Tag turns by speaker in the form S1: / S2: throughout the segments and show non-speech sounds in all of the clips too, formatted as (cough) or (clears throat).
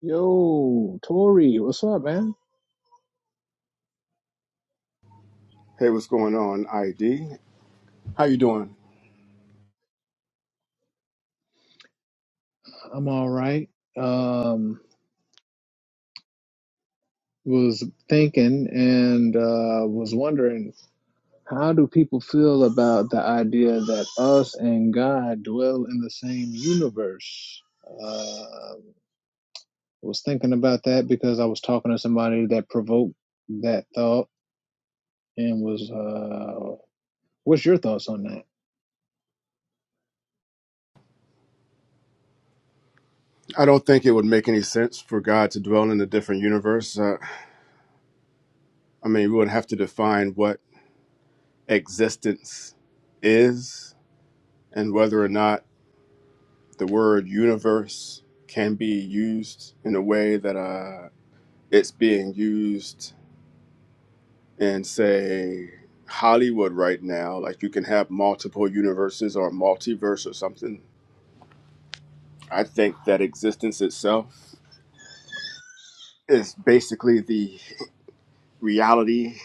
S1: Yo, Tori, what's up, man?
S2: Hey, what's going on, ID? How you doing?
S1: I'm all right. Um, was thinking and uh, was wondering how do people feel about the idea that us and God dwell in the same universe? Uh, was thinking about that because I was talking to somebody that provoked that thought and was uh, what's your thoughts on that?
S2: I don't think it would make any sense for God to dwell in a different universe. Uh, I mean, we would have to define what existence is and whether or not the word universe can be used in a way that uh, it's being used in, say, Hollywood right now. Like you can have multiple universes or multiverse or something. I think that existence itself is basically the reality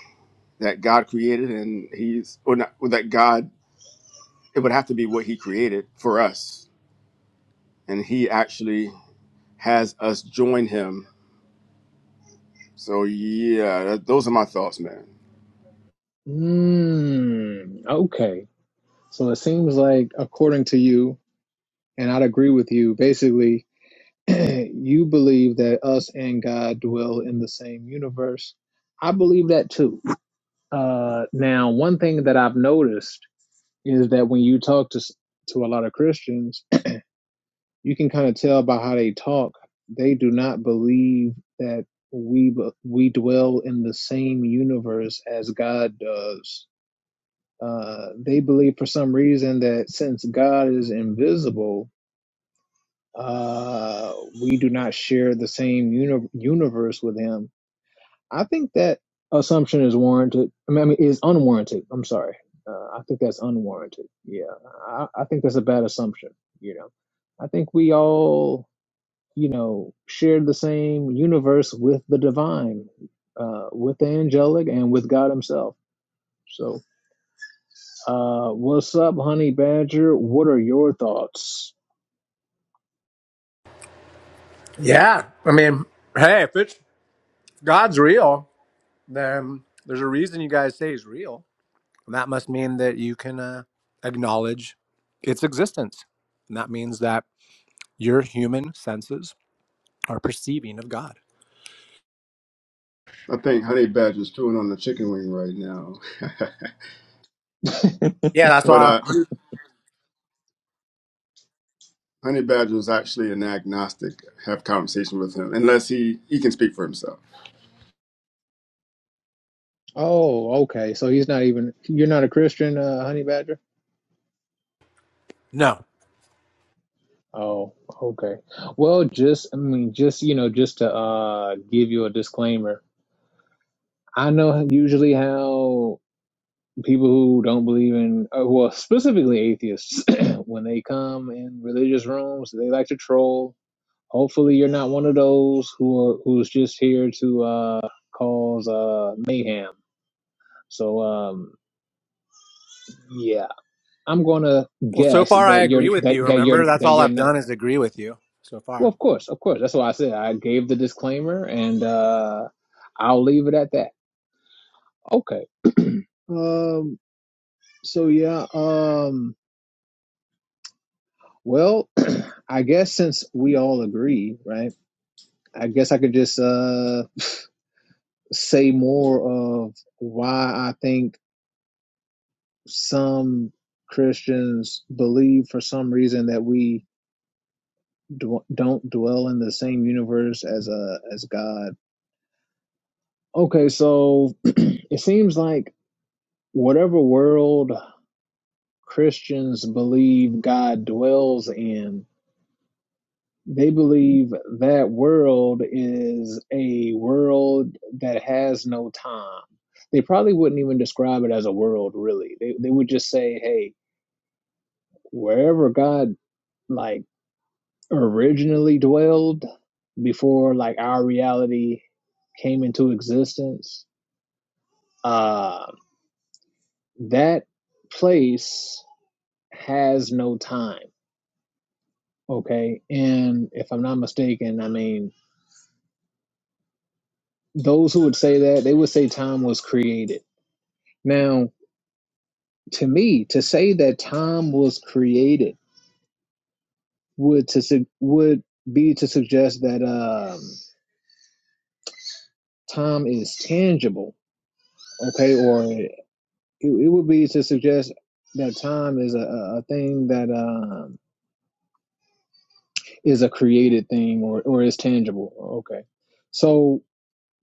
S2: that God created, and He's or not or that God. It would have to be what He created for us, and He actually has us join Him. So yeah, that, those are my thoughts, man.
S1: Hmm. Okay. So it seems like, according to you, And I'd agree with you. Basically, (clears throat) you believe that us and God dwell in the same universe. I believe that too. Uh, now, one thing that I've noticed is that when you talk to s- to a lot of Christians, (clears throat) you can kind of tell by how they talk. They do not believe that we b- we dwell in the same universe as God does. Uh, they believe for some reason that since God is invisible, uh, we do not share the same uni- universe with him. I think that assumption is warranted. I mean, I mean is unwarranted. I'm sorry. Uh, I think that's unwarranted. Yeah, I, I think that's a bad assumption. You know, I think we all, you know, share the same universe with the divine, uh, with the angelic, and with God Himself. So, uh, what's up, honey badger? What are your thoughts?
S3: Yeah. I mean, hey, if it's God's real, then there's a reason you guys say he's real. And that must mean that you can uh, acknowledge its existence. And that means that your human senses are perceiving of God.
S2: I think Honey Badger's chewing on the chicken wing right now.
S3: Yeah, that's
S2: (laughs) but
S3: why.
S2: uh, Honey Honey Badger is actually an agnostic. Have conversation with him, unless he he can speak for himself.
S1: Oh, okay. So he's not even, you're not a Christian, uh, Honey Badger?
S3: No.
S1: Oh, okay. Well, just, I mean, just, you know, just to uh give you a disclaimer. I know usually how people who don't believe in, uh, well, specifically atheists, (clears throat) when they come in religious rooms, they like to troll. Hopefully, you're not one of those who are who's just here to uh cause uh mayhem. So, um, yeah, I'm gonna
S3: Well, so
S1: guess
S3: far I
S1: that
S3: agree
S1: you're
S3: with
S1: that,
S3: you.
S1: that you're
S3: Remember, that's
S1: that
S3: all
S1: you're
S3: I've
S1: not.
S3: done is agree with you so
S1: Well,
S3: far.
S1: of course, of course. That's why I said I gave the disclaimer, and uh, I'll leave it at that. Okay. Um. So yeah. Um. Well, (clears throat) I guess since we all agree, right? I guess I could just uh say more of why I think some Christians believe for some reason that we d- don't dwell in the same universe as a as God. Okay, so (clears throat) it seems like whatever world Christians believe God dwells in. They believe that world is a world that has no time. They probably wouldn't even describe it as a world, really. They, they would just say, hey, wherever God like originally dwelled before like our reality came into existence, uh, that place has no time okay and if i'm not mistaken i mean Those who would say that, they would say time was created. Now, to me, to say that time was created would to su- would be to suggest that um, time is tangible, okay, or it, it would be to suggest that time is a, a thing that um, is a created thing or, or is tangible, okay. So,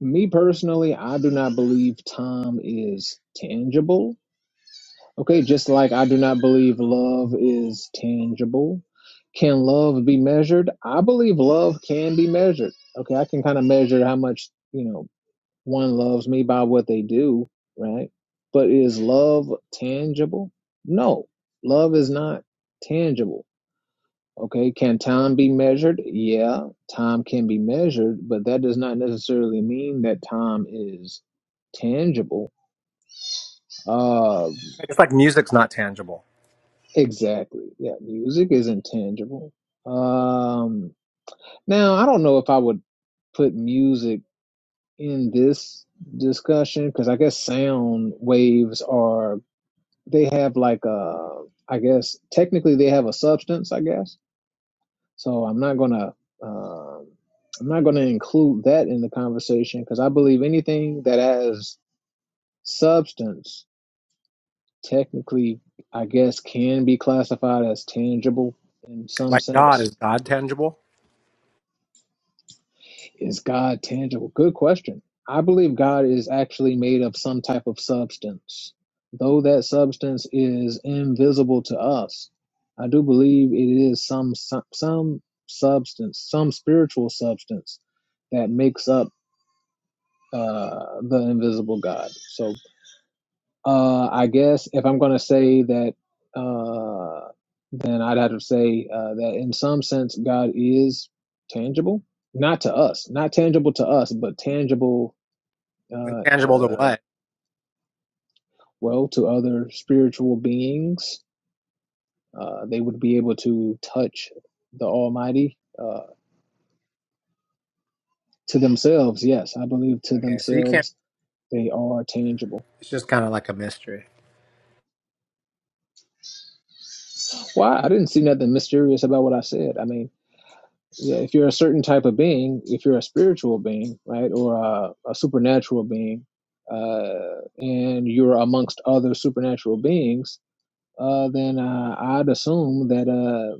S1: me personally, I do not believe time is tangible Okay, just like I do not believe love is tangible. Can love be measured? I believe love can be measured. Okay, I can kind of measure how much, you know, one loves me by what they do, right? But is love tangible? No, love is not tangible. Okay, can time be measured? Yeah, time can be measured, but that does not necessarily mean that time is tangible. Uh
S3: It's like music's not tangible.
S1: Exactly. Yeah, music is intangible. Um, now I don't know if I would put music in this discussion because I guess sound waves are they have like a I guess technically they have a substance, I guess. So I'm not gonna um I'm not gonna include that in the conversation because I believe anything that has substance technically I guess can be classified as tangible in some
S3: Like God,
S1: sense
S3: is God tangible?
S1: Is God tangible? Good question. I believe God is actually made of some type of substance. Though that substance is invisible to us, I do believe it is some some, some substance, some spiritual substance that makes up uh, the invisible God. So uh, I guess if I'm going to say that, uh, then I'd have to say uh, that in some sense, God is tangible, not to us, not tangible to us, but tangible,
S3: Then
S1: uh,
S3: tangible to
S1: uh,
S3: what?
S1: well, to other spiritual beings. Uh, they would be able to touch the Almighty uh, to themselves. Yes, I believe to
S3: Okay, so you can't,
S1: themselves they are tangible.
S3: it's just kind of like a mystery.
S1: Why? I didn't see nothing mysterious about what I said. I mean, yeah, if you're a certain type of being, if you're a spiritual being, right, or a, a supernatural being, uh, and you're amongst other supernatural beings, uh, then uh, I'd assume that uh,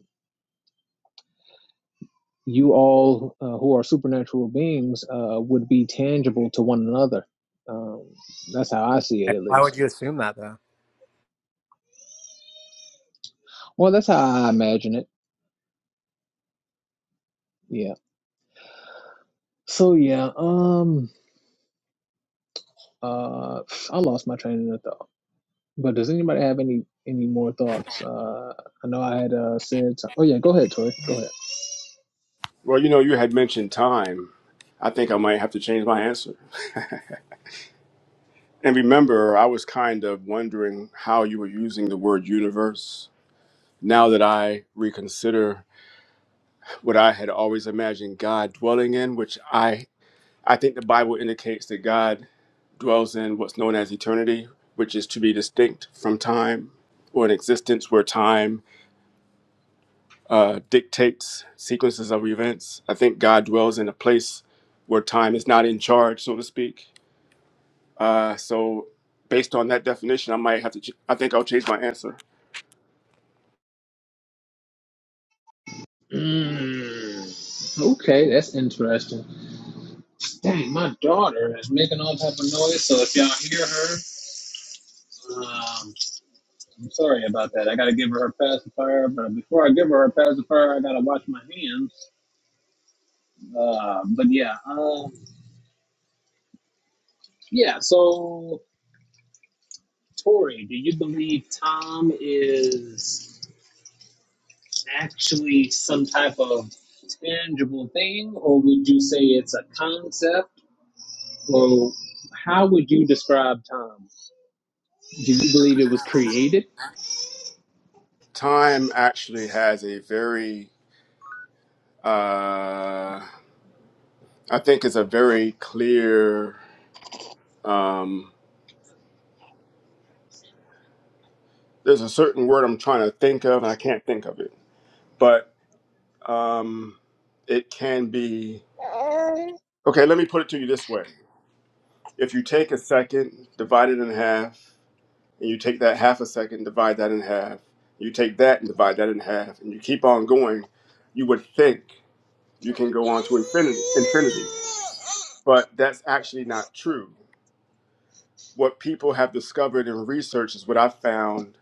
S1: you all uh, who are supernatural beings uh, would be tangible to one another. Um, that's how I see it, at
S3: Why
S1: least.
S3: would you assume that though?
S1: Well, that's how I imagine it. Yeah. So yeah. Um. Uh. I lost my train of thought. But does anybody have any any more thoughts? Uh, I know I had uh, said. some- oh yeah, go ahead, Tori. Go ahead.
S2: Well, you know, you had mentioned time. I think I might have to change my answer. (laughs) and remember, I was kind of wondering how you were using the word universe. Now that I reconsider what I had always imagined God dwelling in, which I I think the Bible indicates that God dwells in what's known as eternity, which is to be distinct from time or an existence where time uh, dictates sequences of events. I think God dwells in a place where time is not in charge, so to speak Uh, so, based on that definition, I might have to. Ch- I think I'll change my answer.
S1: Mm, okay, that's interesting. Dang, my daughter is making all type of noise. So if y'all hear her, um, I'm sorry about that. I gotta give her her pacifier, but before I give her her pacifier, I gotta wash my hands. Uh, but yeah, um, yeah. So Tori, do you believe Tom is? actually some type of tangible thing, or would you say it's a concept? Or how would you describe time? Do you believe it was created?
S2: Time actually has a very, uh, I think, it's a very clear. Um, there's a certain word I'm trying to think of, and I can't think of it. But um, it can be. Okay, let me put it to you this way: If you take a second, divide it in half, and you take that half a second, divide that in half. You take that and divide that in half, and you keep on going. You would think you can go on to infinity infinity but that's actually not true what people have discovered in research is what i found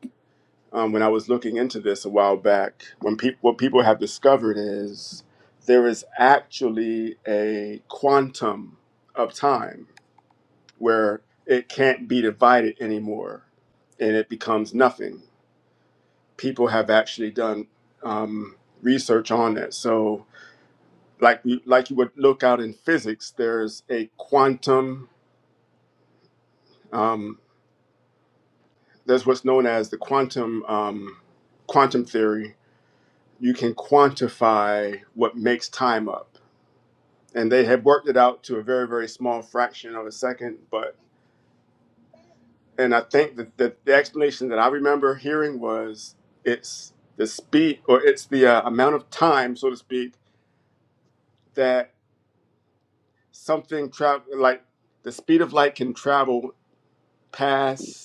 S2: um, when i was looking into this a while back when people what people have discovered is there is actually a quantum of time where it can't be divided anymore and it becomes nothing people have actually done um, research on that so like like you would look out in physics, there's a quantum. Um, there's what's known as the quantum um, quantum theory. You can quantify what makes time up, and they have worked it out to a very very small fraction of a second. But and I think that the, the explanation that I remember hearing was it's the speed or it's the uh, amount of time, so to speak, that something travel like the speed of light can travel past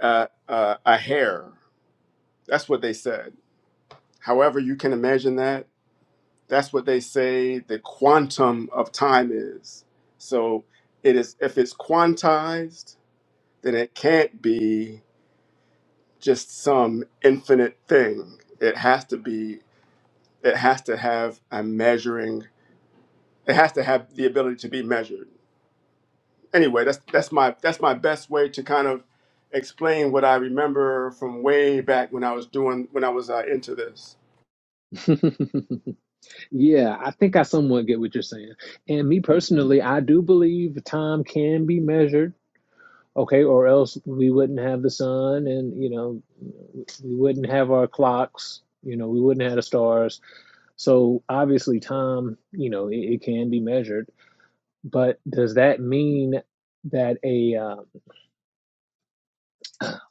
S2: uh, uh, a hair. That's what they said. However, you can imagine that. That's what they say the quantum of time is. So it is if it's quantized, then it can't be just some infinite thing. It has to be it has to have a measuring it has to have the ability to be measured. Anyway, that's that's my that's my best way to kind of explain what I remember from way back when I was doing when I was uh, into this.
S1: (laughs) yeah, I think I somewhat get what you're saying. And me personally, I do believe time can be measured. Okay, or else we wouldn't have the sun, and you know, we wouldn't have our clocks. You know, we wouldn't have the stars. So obviously, time, you know, it, it can be measured But does that mean that a um,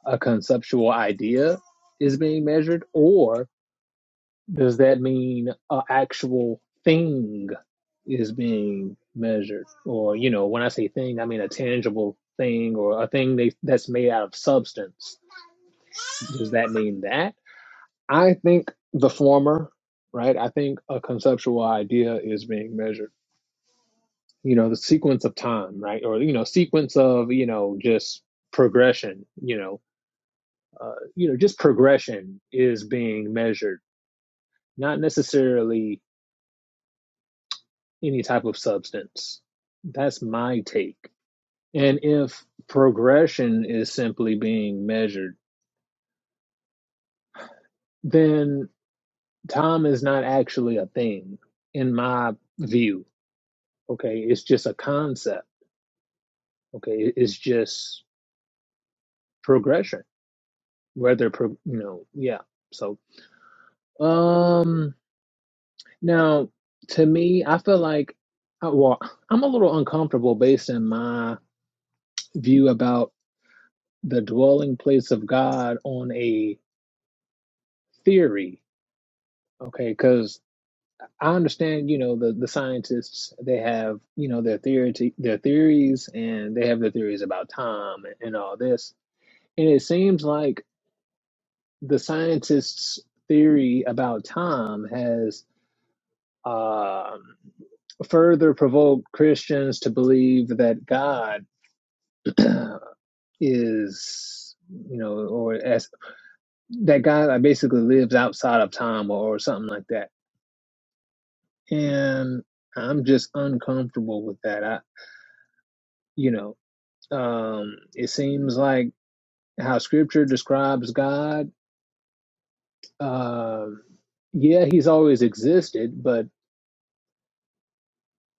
S1: a conceptual idea is being measured, or does that mean an actual thing is being measured? Or you know, when I say thing, I mean a tangible thing or a thing they, that's made out of substance. Does that mean that? I think the former, right? I think a conceptual idea is being measured you know the sequence of time right or you know sequence of you know just progression you know uh, you know just progression is being measured not necessarily any type of substance that's my take and if progression is simply being measured then time is not actually a thing in my view okay it's just a concept okay It- it's just progression whether pro- you know yeah So. Um, now to me, I feel like, uh, well, I'm a little uncomfortable based in my view about the dwelling place of God on a theory. Okay, because I understand, you know, the the scientists they have, you know, their theory their theories, and they have their theories about time and, and all this. And it seems like the scientists' theory about time has. um. further provoke Christians to believe that God (clears throat) is, you know, or as that God like, basically lives outside of time or, or something like that. And I'm just uncomfortable with that. I, you know, um, it seems like how Scripture describes God. Um, yeah, He's always existed, but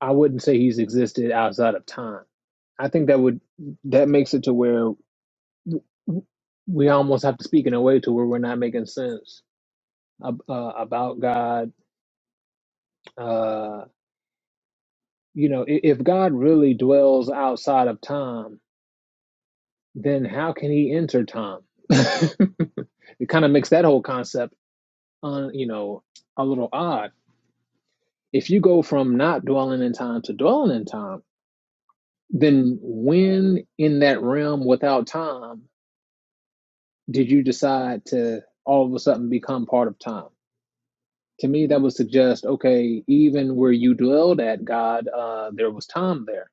S1: I wouldn't say He's existed outside of time. I think that would that makes it to where we almost have to speak in a way to where we're not making sense ab- uh, about God. Uh, you know, i- if God really dwells outside of time, then how can He enter time? (laughs) it kind of makes that whole concept, un, you know, a little odd. If you go from not dwelling in time to dwelling in time, then when in that realm without time did you decide to all of a sudden become part of time? To me, that would suggest okay, even where you dwelled at, God, uh, there was time there.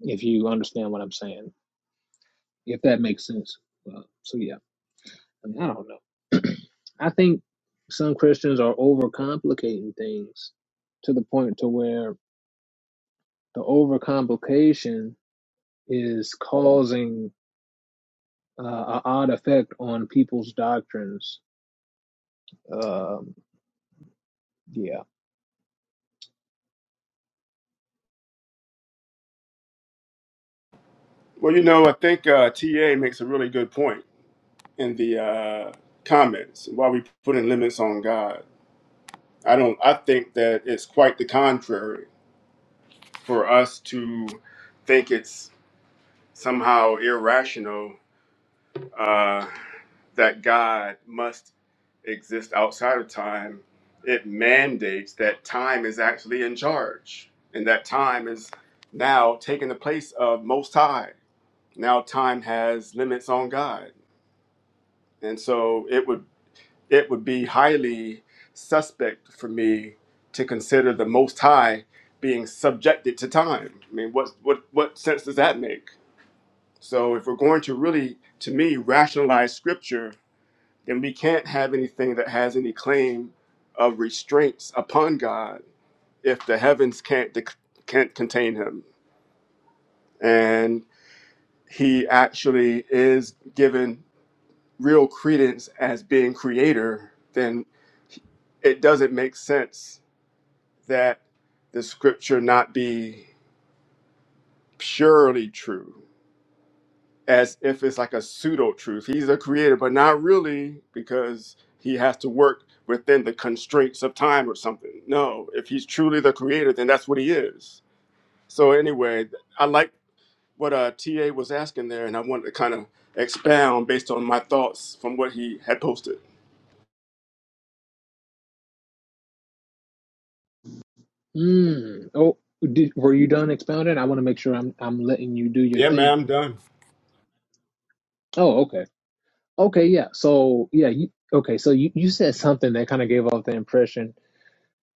S1: If you understand what I'm saying, if that makes sense. Uh, so yeah, I, mean, I don't know. (clears throat) I think some Christians are overcomplicating things to the point to where the overcomplication is causing uh, an odd effect on people's doctrines. Um, yeah.
S2: Well, you know, I think uh, TA makes a really good point in the uh, comments. Why we putting limits on God? I don't. I think that it's quite the contrary for us to think it's somehow irrational uh, that God must exist outside of time. It mandates that time is actually in charge, and that time is now taking the place of Most High. Now, time has limits on God and so it would it would be highly suspect for me to consider the Most High being subjected to time. I mean, what what what sense does that make? So if we're going to really, to me, rationalize Scripture, then we can't have anything that has any claim of restraints upon God if the heavens can't dec can't contain Him, and He actually is given. real credence as being creator, then it doesn't make sense that the scripture not be purely true, as if it's like a pseudo truth. He's a creator, but not really, because he has to work within the constraints of time or something. No, if he's truly the creator, then that's what he is. So, anyway, th- I like what uh, TA was asking there, and I wanted to kind of expound based on my thoughts from what he had posted.
S1: Mm. Oh, did, were you done expounding? I want to make sure I'm I'm letting you do your
S2: Yeah, man,
S1: thing.
S2: I'm done.
S1: Oh, okay. Okay, yeah. So, yeah, you okay, so you you said something that kind of gave off the impression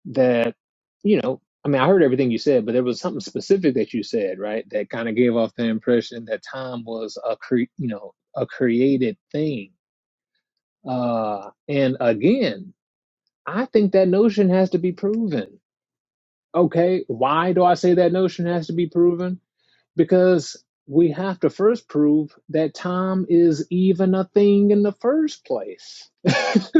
S1: that, you know, I mean, I heard everything you said, but there was something specific that you said, right? That kind of gave off the impression that time was a cre- you know, a created thing. Uh, and again, I think that notion has to be proven. Okay, why do I say that notion has to be proven? because we have to first prove that time is even a thing in the first place. (laughs)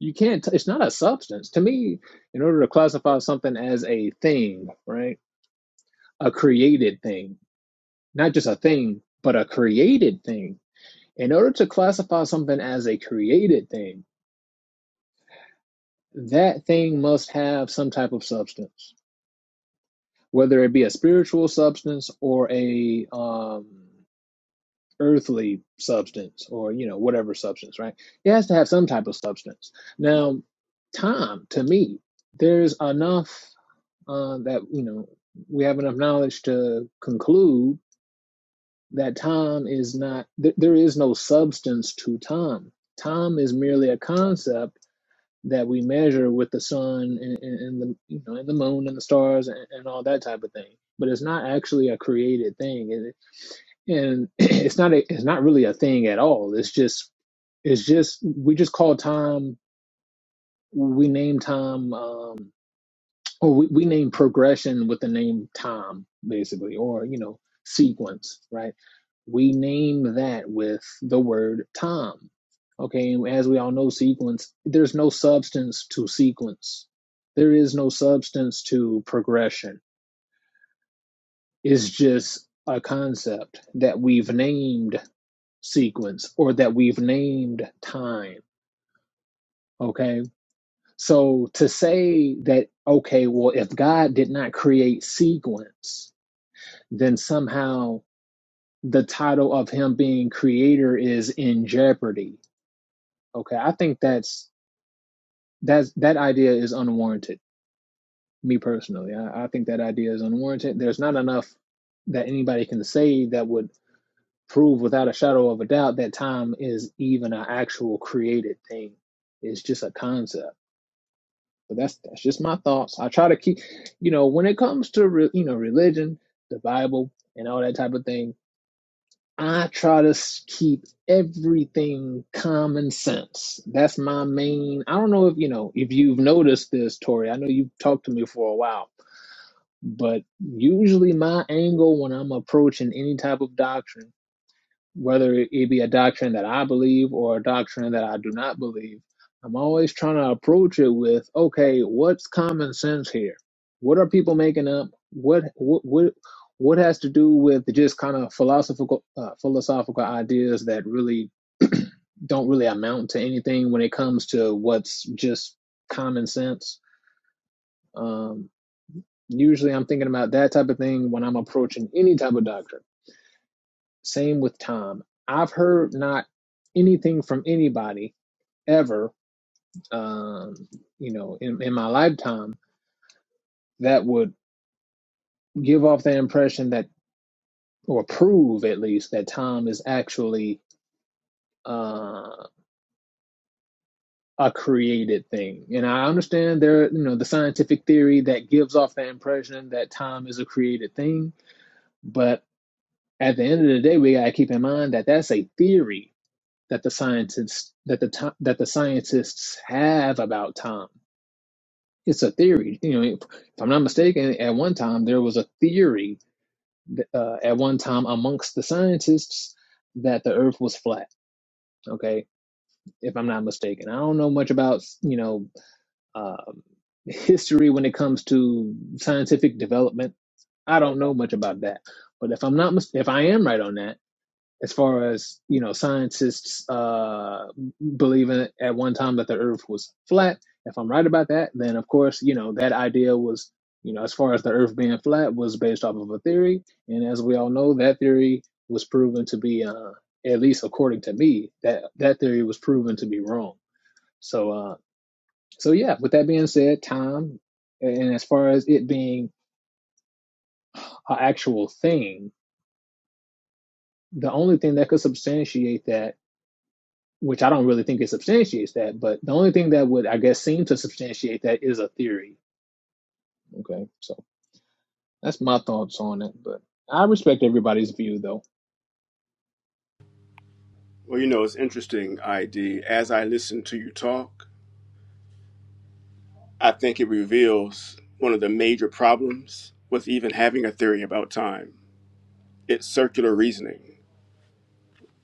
S1: you can't, it's not a substance. To me, in order to classify something as a thing, right? A created thing, not just a thing, but a created thing. In order to classify something as a created thing, that thing must have some type of substance, whether it be a spiritual substance or a um, earthly substance or you know whatever substance right it has to have some type of substance now time to me there's enough uh, that you know we have enough knowledge to conclude that time is not th- there is no substance to time time is merely a concept that we measure with the sun and, and, and the you know and the moon and the stars and, and all that type of thing but it's not actually a created thing and (clears throat) it's not a, it's not really a thing at all. It's just it's just we just call time we name time um, or we, we name progression with the name time basically or you know sequence right we name that with the word time okay and as we all know sequence there's no substance to sequence there is no substance to progression it's just a concept that we've named sequence or that we've named time. Okay. So to say that, okay, well, if God did not create sequence, then somehow the title of him being creator is in jeopardy. Okay. I think that's, that's, that idea is unwarranted. Me personally, I, I think that idea is unwarranted. There's not enough that anybody can say that would prove without a shadow of a doubt that time is even an actual created thing. It's just a concept. But that's that's just my thoughts. I try to keep, you know, when it comes to re, you know religion, the Bible, and all that type of thing. I try to s- keep everything common sense. That's my main. I don't know if you know if you've noticed this, Tori. I know you've talked to me for a while, but usually my angle when I'm approaching any type of doctrine whether it be a doctrine that I believe or a doctrine that I do not believe, I'm always trying to approach it with, okay, what's common sense here? What are people making up? What what what, what has to do with just kind of philosophical uh, philosophical ideas that really (clears throat) don't really amount to anything when it comes to what's just common sense. Um, usually, I'm thinking about that type of thing when I'm approaching any type of doctrine same with time. I've heard not anything from anybody ever, um, you know, in, in my lifetime that would give off the impression that, or prove at least, that time is actually uh, a created thing. And I understand there, you know, the scientific theory that gives off the impression that time is a created thing, but at the end of the day, we got to keep in mind that that's a theory that the scientists that the ti- that the scientists have about time. It's a theory, you know. If I'm not mistaken, at one time there was a theory uh, at one time amongst the scientists that the Earth was flat. Okay, if I'm not mistaken, I don't know much about you know um history when it comes to scientific development. I don't know much about that, but if I'm not mis- if I am right on that as far as you know scientists uh believing at one time that the earth was flat if i'm right about that then of course you know that idea was you know as far as the earth being flat was based off of a theory and as we all know that theory was proven to be uh at least according to me that that theory was proven to be wrong so uh so yeah with that being said time and as far as it being an actual thing the only thing that could substantiate that which I don't really think it substantiates that, but the only thing that would, I guess, seem to substantiate that is a theory. Okay, so that's my thoughts on it, but I respect everybody's view though.
S2: Well, you know, it's interesting, ID. As I listen to you talk, I think it reveals one of the major problems with even having a theory about time. It's circular reasoning.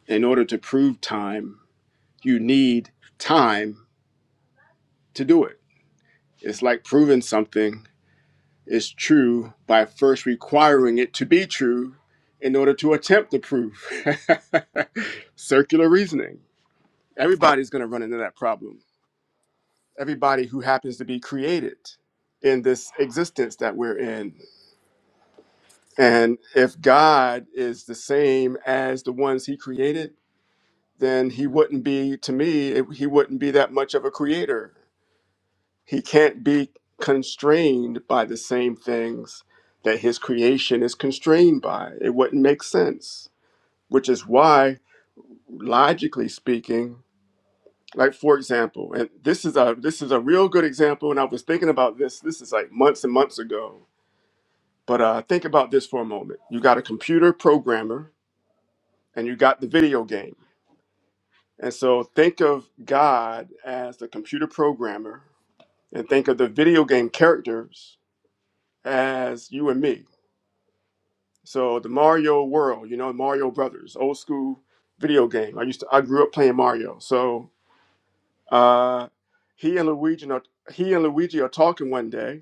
S2: In order to prove time, you need time to do it. It's like proving something is true by first requiring it to be true in order to attempt the proof. (laughs) circular reasoning. Everybody's going to run into that problem everybody who happens to be created in this existence that we're in. And if God is the same as the ones he created, then he wouldn't be, to me, it- he wouldn't be that much of a creator. He can't be constrained by the same things that his creation is constrained by. It wouldn't make sense, which is why, logically speaking, like for example and this is a this is a real good example and i was thinking about this this is like months and months ago but uh, think about this for a moment you got a computer programmer and you got the video game and so think of god as the computer programmer and think of the video game characters as you and me so the mario world you know mario brothers old school video game i used to i grew up playing mario so uh, he and luigi are, he and luigi are talking one day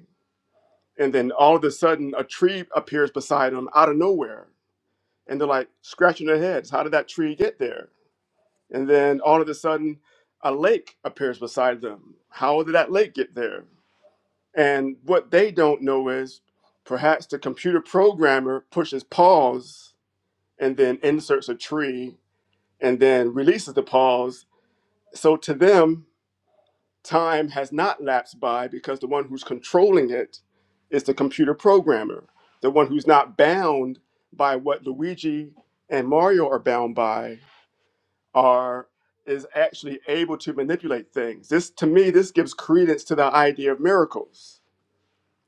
S2: And then all of a sudden, a tree appears beside them out of nowhere. And they're like scratching their heads. How did that tree get there? And then all of a sudden, a lake appears beside them. How did that lake get there? And what they don't know is perhaps the computer programmer pushes pause and then inserts a tree and then releases the pause. So to them, Time has not lapsed by because the one who's controlling it is the computer programmer, the one who's not bound by what Luigi and Mario are bound by are is actually able to manipulate things. This to me this gives credence to the idea of miracles.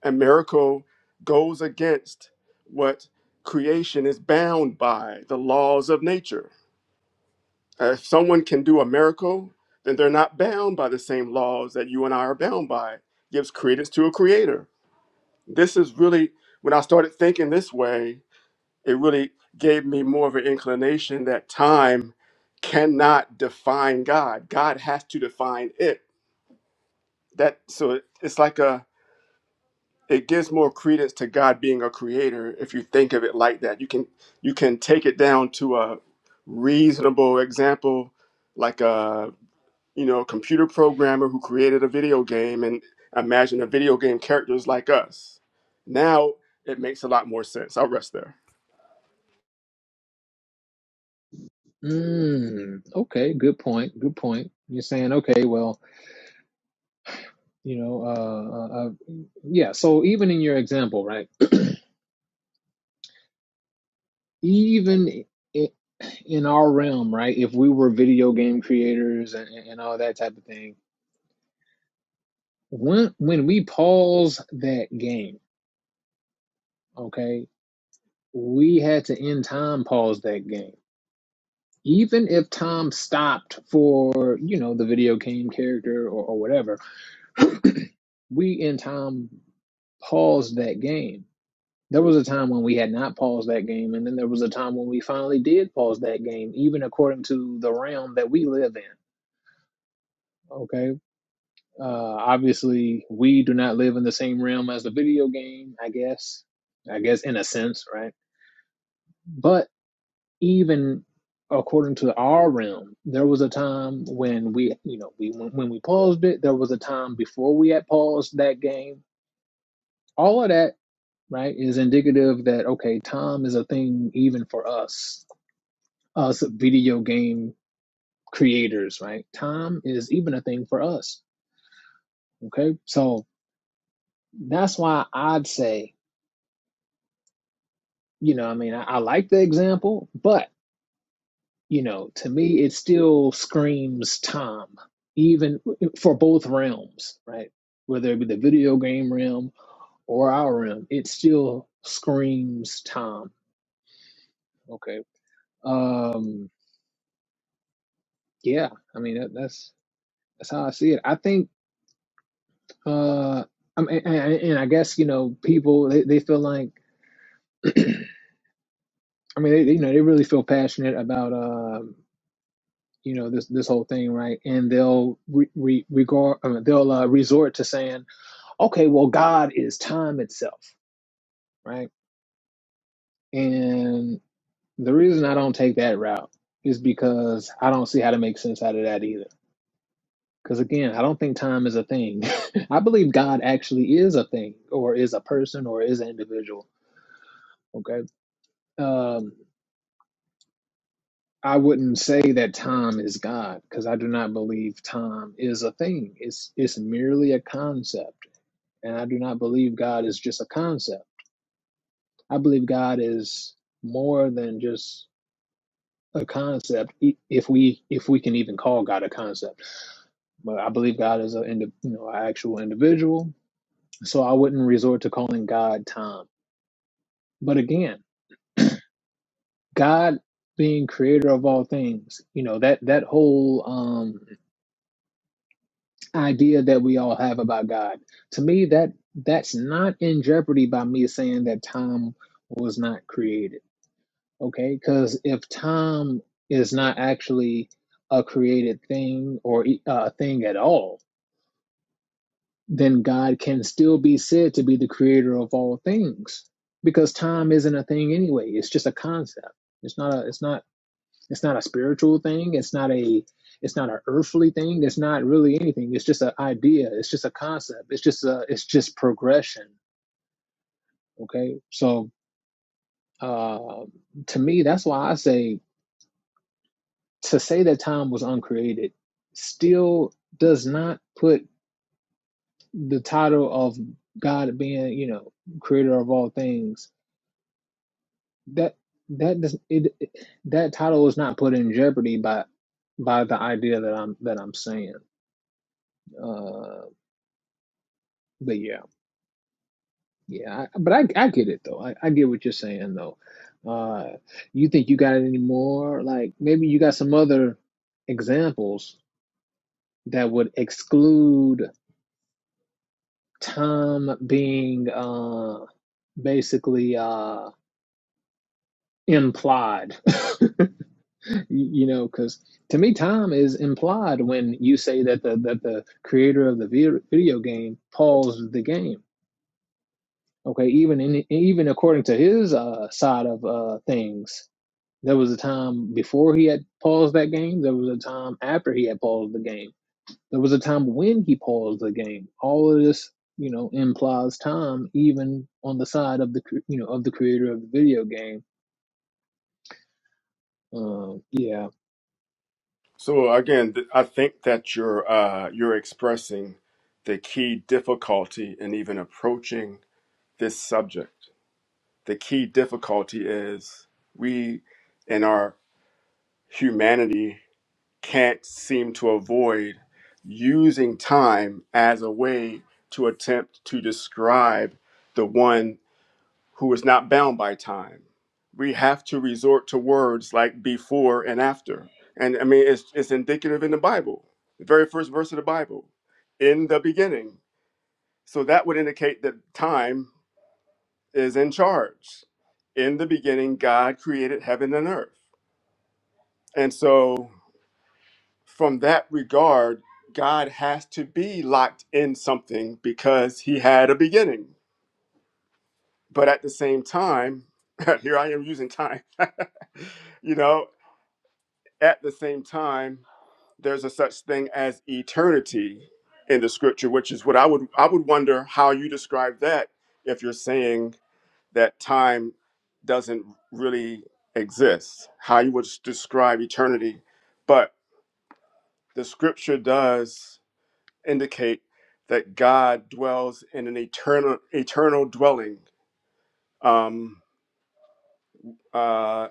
S2: A miracle goes against what creation is bound by, the laws of nature if someone can do a miracle, then they're not bound by the same laws that you and I are bound by. It gives credence to a creator. This is really, when I started thinking this way, it really gave me more of an inclination that time cannot define God. God has to define it. That so it- it's like a it gives more credence to God being a creator if you think of it like that. You can you can take it down to a reasonable example like uh, you know, computer programmer who created a video game and imagine a video game characters like us. Now it makes a lot more sense. I'll rest there.
S1: Mm, okay, good point. Good point. You're saying, okay, well, you know, uh, uh, uh, yeah, so even in your example, right? Even i- in our realm, right? If we were video game creators and, and all that type of thing, when when we pause that game, okay? we had to end time pause that game. Even if time stopped for, you know, the video game character or, or whatever, (clears throat) we in time paused that game. There was a time when we had not paused that game, and then there was a time when we finally did pause that game, even according to the realm that we live in. Okay. Uh, obviously, we do not live in the same realm as the video game, I guess. I guess in a sense, right? But even according to our realm, there was a time when we, you know, we when, when we paused it. There was a time before we had paused that game. All of that, right, is indicative that okay, time is a thing even for us, us video game creators, right? Time is even a thing for us. Okay, so that's why I'd say, you know, I mean, I, I like the example, but you know, to me, it still screams Tom, even for both realms, right? Whether it be the video game realm or our realm, it still screams Tom. Okay. Um. Yeah. I mean, that, that's that's how I see it. I think. Uh. I mean, and, and and I guess you know, people they, they feel like, (clears throat) I mean, they, they, you know, they really feel passionate about um, you know, this this whole thing, right? And they'll re, re, regard, I mean, they'll uh, resort to saying Okay, well, God is time itself, right? And the reason I don't take that route is because I don't see how to make sense out of that either. Because again, I don't think time is a thing. (laughs) I believe God actually is a thing, or is a person, or is an individual. Okay. Um, I wouldn't say that time is God because I do not believe time is a thing. It's it's merely a concept, and I do not believe God is just a concept. I believe God is more than just a concept e, if we if we can even call God a concept. But I believe God is a indi- you know an actual individual, so I wouldn't resort to calling God time. But again, God being creator of all things, you know that that whole um, idea that we all have about God, to me that that's not in jeopardy by me saying that time was not created. Okay, because if time is not actually a created thing or a thing at all then God can still be said to be the creator of all things because time isn't a thing anyway. It's just a concept. It's not a it's not it's not a spiritual thing. It's not a it's not an earthly thing. It's not really anything. It's just an idea. It's just a concept. It's just a it's just progression. Okay. So uh to me that's why I say to say that time was uncreated still does not put the title of God being, you know, creator of all things that that does it, it that title is not put in jeopardy by by the idea that I'm that I'm saying. Uh, but yeah, yeah. I, but I I get it though. I, I get what you're saying though. Uh, you think you got any more? Like maybe you got some other examples that would exclude Tom being uh basically uh implied. (laughs) you know because to me time is implied when you say that the that the creator of the video game paused the game okay even in even according to his uh, side of uh, things there was a time before he had paused that game there was a time after he had paused the game there was a time when he paused the game all of this you know implies time even on the side of the you know of the creator of the video game um yeah
S2: So again, th- I think that you're uh, you're expressing the key difficulty in even approaching this subject. The key difficulty is we, in our humanity, can't seem to avoid using time as a way to attempt to describe the one who is not bound by time. We have to resort to words like before and after. And I mean, it's, it's indicative in the Bible, the very first verse of the Bible, in the beginning. So that would indicate that time is in charge. In the beginning, God created heaven and earth. And so, from that regard, God has to be locked in something because he had a beginning. But at the same time, (laughs) here I am using time. (laughs) you know At the same time, there's a such thing as eternity in the scripture, which is what I would I would wonder how you describe that if you're saying that time doesn't really exist, how you would s- describe eternity. But the scripture does indicate that God dwells in an eternal eternal dwelling. Um, uh,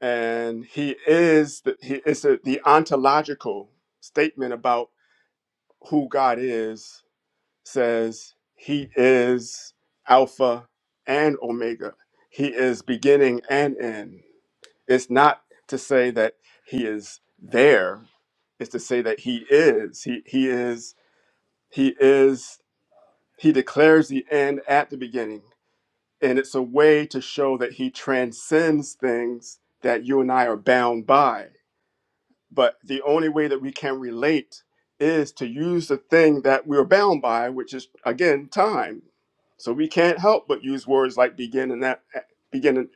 S2: and he is the, he is the the ontological statement about who God is says he is Alpha and Omega. He is beginning and end. It's not to say that he is there. It's to say that he is. He he is he is he declares the end at the beginning. And it's a way to show that he transcends things that you and I are bound by but the only way that we can relate is to use the thing that we're bound by, which is again time. So we can't help but use words like begin and that begin and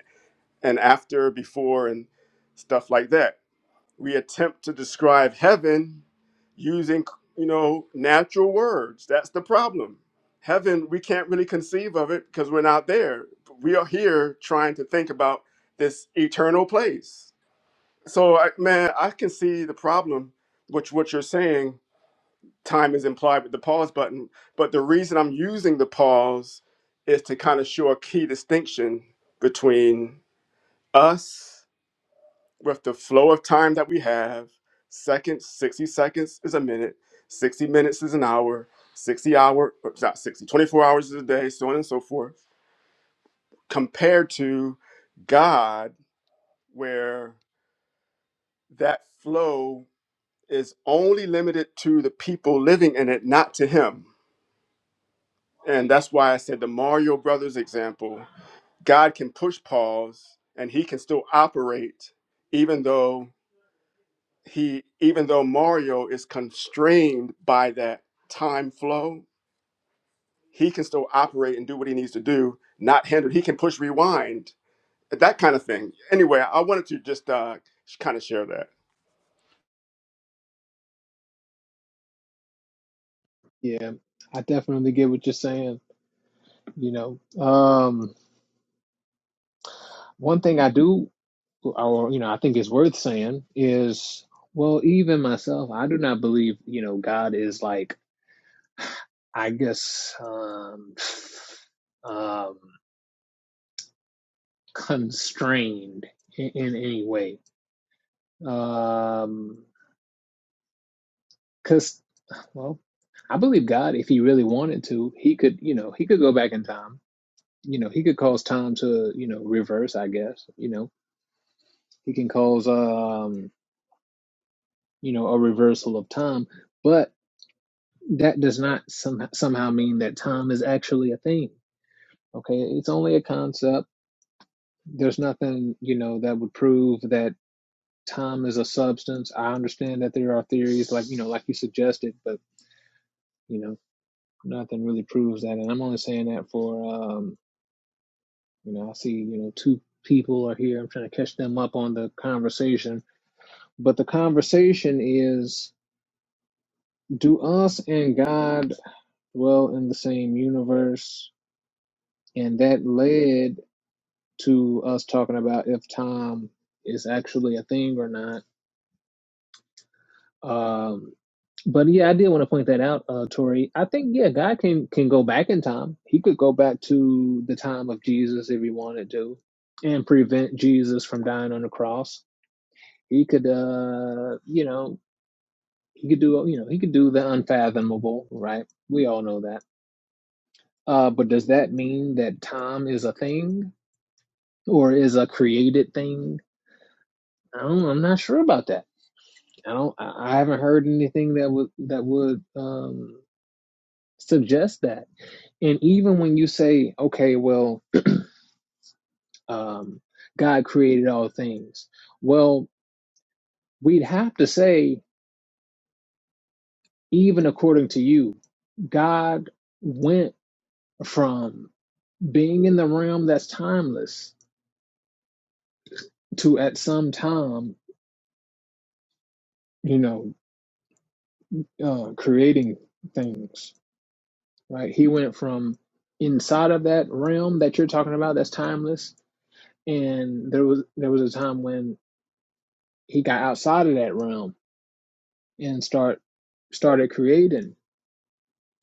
S2: after, before, and stuff like that. We attempt to describe heaven using you know natural words. That's the problem. Heaven, we can't really conceive of it because we're not there. We are here trying to think about this eternal place so, I, man, I can see the problem, which what you're saying, time is implied with the pause button. But the reason I'm using the pause is to kind of show a key distinction between us with the flow of time that we have. Seconds, 60 seconds is a minute, 60 minutes is an hour, 60 hour, or not 60, 24 hours is a day, so on and so forth, compared to God, where that flow is only limited to the people living in it, not to him. And that's why I said the Mario Brothers example God can push pause and he can still operate, even though he even though Mario is constrained by that time flow, he can still operate and do what he needs to do, not hindered. He can push rewind, that kind of thing. Anyway, I wanted to just uh, kind of share that.
S1: yeah i definitely get what you're saying you know. Um, one thing I do, or you know, I think is worth saying is, well, even myself, I do not believe, you know, God is like, I guess, um, um, constrained in, in any way, um, because, well, I believe God, if he really wanted to, he could, you know, he could go back in time. You know, he could cause time to, you know, reverse, I guess. You know, he can cause um you know, a reversal of time. But that does not some, somehow mean that time is actually a thing. Okay, it's only a concept. There's nothing, you know, that would prove that time is a substance. I understand that there are theories like, you know, like you suggested, but, you know, nothing really proves that. And I'm only saying that for, um, you know, I see, you know, two people are here. I'm trying to catch them up on the conversation. But the conversation is do us and God dwell in the same universe? And that led to us talking about if time is actually a thing or not. Um, but yeah, I did want to point that out, uh, Tori. I think yeah, God can can go back in time. He could go back to the time of Jesus if he wanted to, and prevent Jesus from dying on the cross. He could, uh, you know, he could do you know he could do the unfathomable, right? We all know that. Uh, but does that mean that time is a thing or is a created thing? I don't, I'm not sure about that. I don't. I I haven't heard anything that would that would um, suggest that. And even when you say, okay, well, um, God created all things, well, we'd have to say, even according to you, God went from being in the realm that's timeless to at some time, you know, uh, creating things right? He went from inside of that realm that you're talking about, that's timeless, and there was there was a time when he got outside of that realm and start started creating.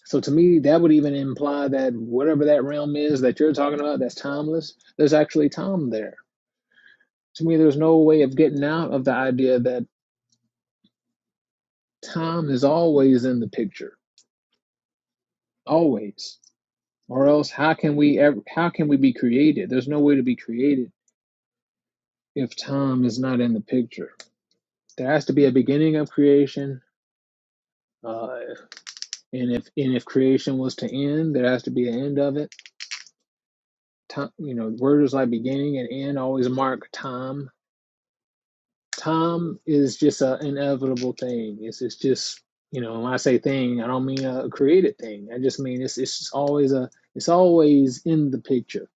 S1: So to me, that would even imply that whatever that realm is that you're talking about, that's timeless. There's actually time there. To me, there's no way of getting out of the idea that time is always in the picture, always. Or else, how can we ever? How can we be created? There's no way to be created if time is not in the picture. There has to be a beginning of creation, uh, and if and if creation was to end, there has to be an end of it. Time, you know, words like beginning and end always mark time. Time is just an inevitable thing. It's it's just you know when I say thing, I don't mean a created thing. I just mean it's it's always a it's always in the picture.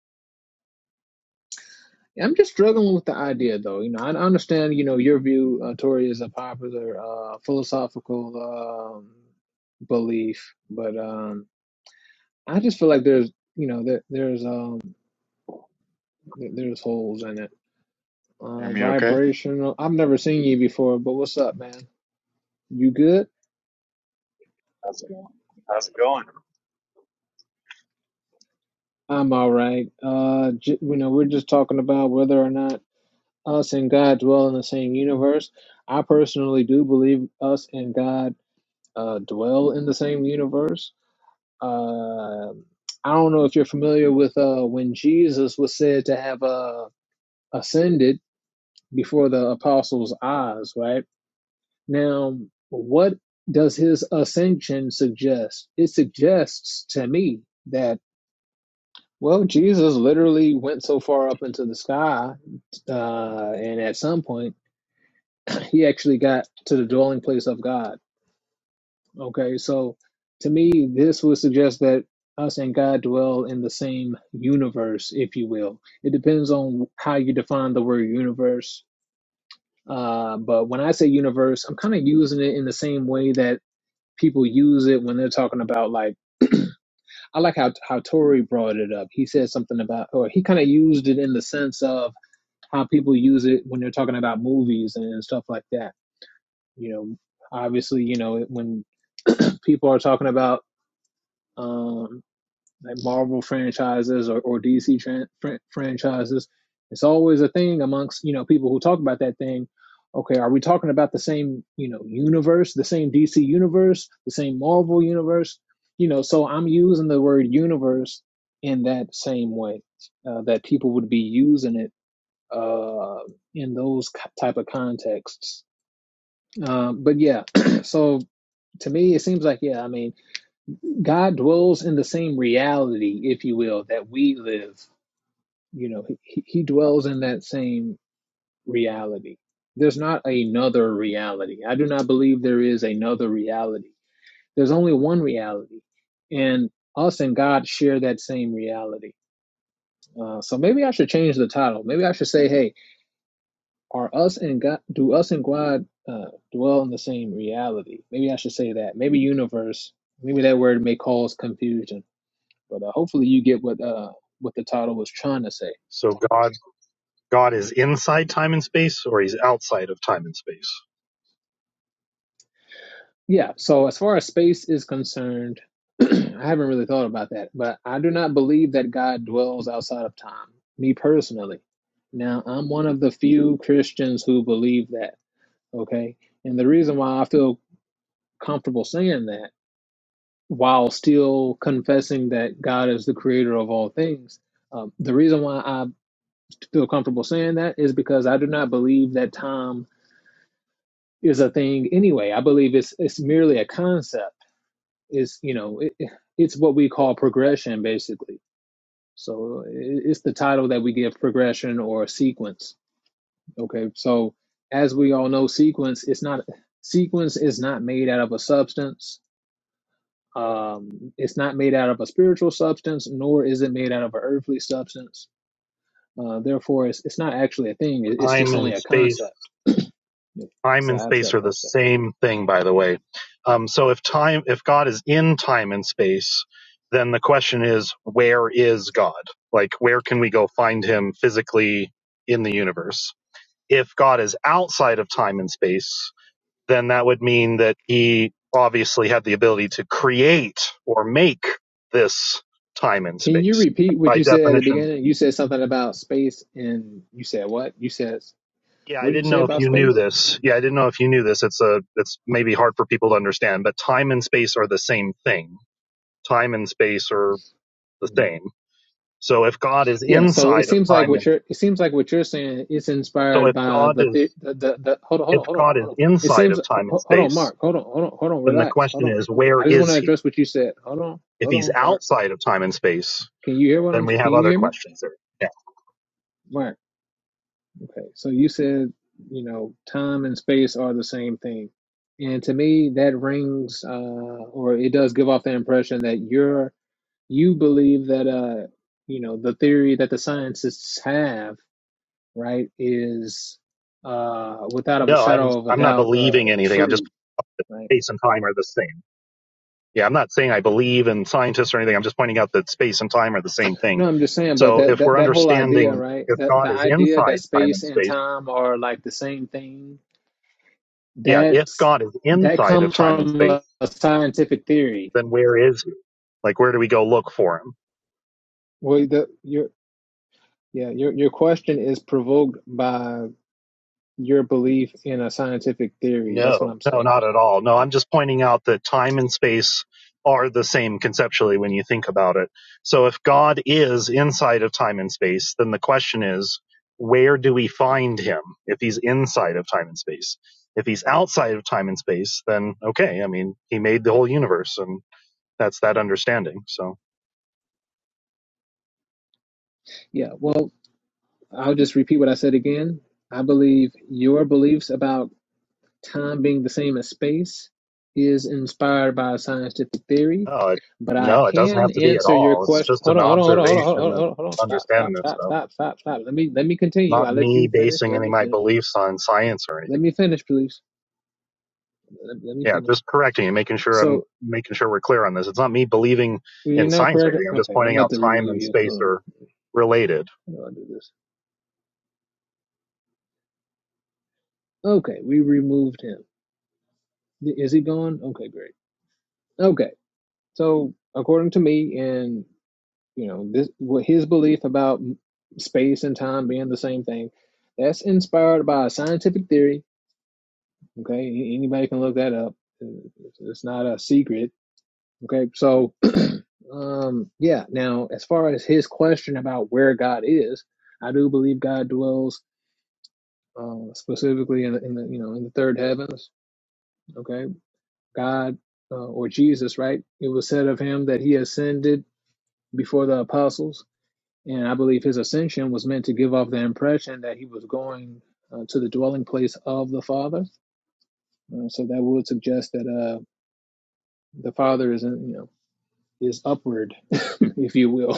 S1: I'm just struggling with the idea, though. You know, I I understand. You know, your view, uh, Tori, is a popular uh, philosophical um, belief, but um, I just feel like there's, you know, there, there's um, there- there's holes in it.
S4: Hear
S1: Uh,
S4: me okay?
S1: vibrational. I've never seen you before, but what's up, man? You good?
S4: How's it going? How's it going?
S1: I'm all right. Uh, j- you know, we're just talking about whether or not us and God dwell in the same universe. I personally do believe us and God uh, dwell in the same universe. Uh, I don't know if you're familiar with uh, when Jesus was said to have uh, ascended before the apostles' eyes, right? Now, what does his ascension suggest? It suggests to me that, well, Jesus literally went so far up into the sky, uh, and at some point, (clears throat) he actually got to the dwelling place of God. Okay, so to me, this would suggest that us and God dwell in the same universe, if you will. It depends on how you define the word universe. Uh, but when I say universe, I'm kind of using it in the same way that people use it when they're talking about like I like how how Tory brought it up. He said something about or he kind of used it in the sense of how people use it when they're talking about movies and stuff like that. You know, obviously, you know, when people are talking about um, like Marvel franchises or, or DC tran- fran- franchises. It's always a thing amongst you know people who talk about that thing. Okay, are we talking about the same you know universe, the same DC universe, the same Marvel universe? You know, so I'm using the word universe in that same way uh, that people would be using it uh, in those type of contexts. Um, but yeah, (clears throat) so to me, it seems like yeah. I mean, God dwells in the same reality, if you will, that we live. You know, he, he dwells in that same reality. There's not another reality. I do not believe there is another reality. There's only one reality. And us and God share that same reality. Uh, so maybe I should change the title. Maybe I should say, hey, are us and God, do us and God uh, dwell in the same reality? Maybe I should say that. Maybe universe, maybe that word may cause confusion But uh, hopefully you get what uh, what the title was trying to say.
S5: So God God is inside time and space or he's outside of time and space.
S1: Yeah. So as far as space is concerned, (clears throat) I haven't really thought about that, but I do not believe that God dwells outside of time. Me personally. Now I'm one of the few Christians who believe that. Okay. And the reason why I feel comfortable saying that while still confessing that God is the creator of all things. Um, the reason why I feel comfortable saying that is because I do not believe that time is a thing anyway. I believe it's it's merely a concept. It's you know it, it's what we call progression basically. So it's the title that we give progression or sequence. Okay, so as we all know, sequence is not sequence is not made out of a substance. Um, it's not made out of a spiritual substance, nor is it made out of an earthly substance. Uh, therefore, it's, it's not actually a thing. It's
S5: Time
S1: just only
S5: and
S1: a
S5: space
S1: concept. (clears throat) Yep.
S5: time
S1: It's an
S5: and space
S1: abstract
S5: are the
S1: concept.
S5: same thing by the way. Um, so if time if God is in time and space, then the question is where is God? Like where can we go find him physically in the universe? If God is outside of time and space, then that would mean that he obviously had the ability to create or make this time and
S1: Can you
S5: space
S1: repeat what
S5: by
S1: you said at the
S5: definition
S1: beginning? You said something about space, and you said what? You said
S5: Yeah,
S1: what
S5: I
S1: did you
S5: didn't
S1: say
S5: know if
S1: about
S5: you knew
S1: space?
S5: this. Yeah, I didn't know if you knew this. It's a it's maybe hard for people to understand, but time and space are the same thing. Time and space are the
S1: Mm-hmm.
S5: same. So if God is
S1: Yeah, so it
S5: inside of
S1: seems like
S5: time
S1: what
S5: and
S1: you're it seems like what you're saying is
S5: so
S1: inspired
S5: if
S1: by
S5: God
S1: the the
S5: is
S1: the, the, hold on hold
S5: if
S1: on hold on
S5: God is
S1: hold on. It
S5: inside
S1: seems
S5: of time and
S1: ho- hold on,
S5: space,
S1: Mark. Hold on, hold on, hold on.
S5: then the
S1: Relax. Hold
S5: question
S1: on,
S5: is
S1: hold on.
S5: where
S1: I just want
S5: is
S1: to
S5: he?
S1: address what you said. Hold on,
S5: If
S1: hold
S5: he's
S1: on, Mark.
S5: outside of time and space,
S1: Can you hear what
S5: then
S1: I'm?
S5: we
S1: Can
S5: have
S1: you
S5: other
S1: hear me,
S5: questions there. Yeah.
S1: Mark? Okay. So you said you know time and space are the same thing, and to me that rings uh, or it does give off the impression that you're you believe that uh you know the theory that the scientists have right, is uh, without of a
S5: No, I'm
S1: shadow of a
S5: I'm not
S1: doubt uh,
S5: believing anything. I'm just
S1: true, right?
S5: space and time are the same. Yeah, I'm not saying I believe in scientists or anything. I'm just pointing out that space and time are the same thing.
S1: No, I'm just saying, but
S5: So
S1: that,
S5: if
S1: that
S5: we're
S1: that whole idea,
S5: understanding
S1: right?
S5: if
S1: That the
S5: God is
S1: idea that
S5: inside time
S1: space
S5: and
S1: and
S5: space,
S1: time are like the same thing.
S5: yeah, if
S1: That's
S5: God is
S1: that
S5: inside of
S1: comes
S5: time and
S1: from
S5: space,
S1: a, a scientific theory.
S5: then where is he? Like, where do we go look for him?
S1: Well, the your yeah your your question is provoked by your belief in a scientific theory. That's what
S5: No,
S1: I'm
S5: no,
S1: saying.
S5: not at all. No, I'm just pointing out that time and space are the same conceptually when you think about it. So if God is inside of time and space, then the question is, where do we find him if he's inside of time and space? If he's outside of time and space, then okay, I mean, he made the whole universe and that's that understanding. So,
S1: Yeah, well, I'll just repeat what I said again. I believe your beliefs about Time being the same as space is inspired by scientific theory,
S5: no, it,
S1: but I
S5: no, it doesn't
S1: can
S5: have to be at
S1: answer your
S5: all. It's
S1: question.
S5: just
S1: Hold
S5: an
S1: on, hold on, hold on, hold on, hold
S5: observation
S1: on,
S5: of
S1: hold on, hold on. Stop,
S5: understanding
S1: stop,
S5: this
S1: stop,
S5: stuff.
S1: stop, stop, stop. Let me let me continue.
S5: Not
S1: I let
S5: me
S1: you finish.
S5: basing
S1: Let
S5: any
S1: me
S5: of my
S1: finish.
S5: beliefs on science or anything.
S1: Let me finish, please. Let, let me
S5: Yeah,
S1: finish.
S5: just correcting and making sure I'm
S1: So
S5: making sure we're clear on this. It's not me believing
S1: you're
S5: in
S1: not
S5: science or
S1: correct.
S5: anything. I'm just
S1: Okay, I'm
S5: pointing
S1: about
S5: out
S1: to
S5: time
S1: remove
S5: and
S1: you.
S5: space
S1: Hold on.
S5: are related.
S1: How do I do this? Okay, we removed him. Is he gone? Okay, great. Okay, so according to me, and you know this what his belief about space and time being the same thing that's inspired by a scientific theory okay anybody can look that up it's it's not a secret okay so (clears throat) um yeah now as far as his question about where god is i do believe god dwells uh, specifically in the, in the you know in the third heavens okay god uh, or jesus right it was said of him that he ascended before the apostles And I believe his ascension was meant to give off the impression that he was going uh, to the dwelling place of the Father. Uh, so that would suggest that uh, the Father is, in, you know, is upward, (laughs) if you will.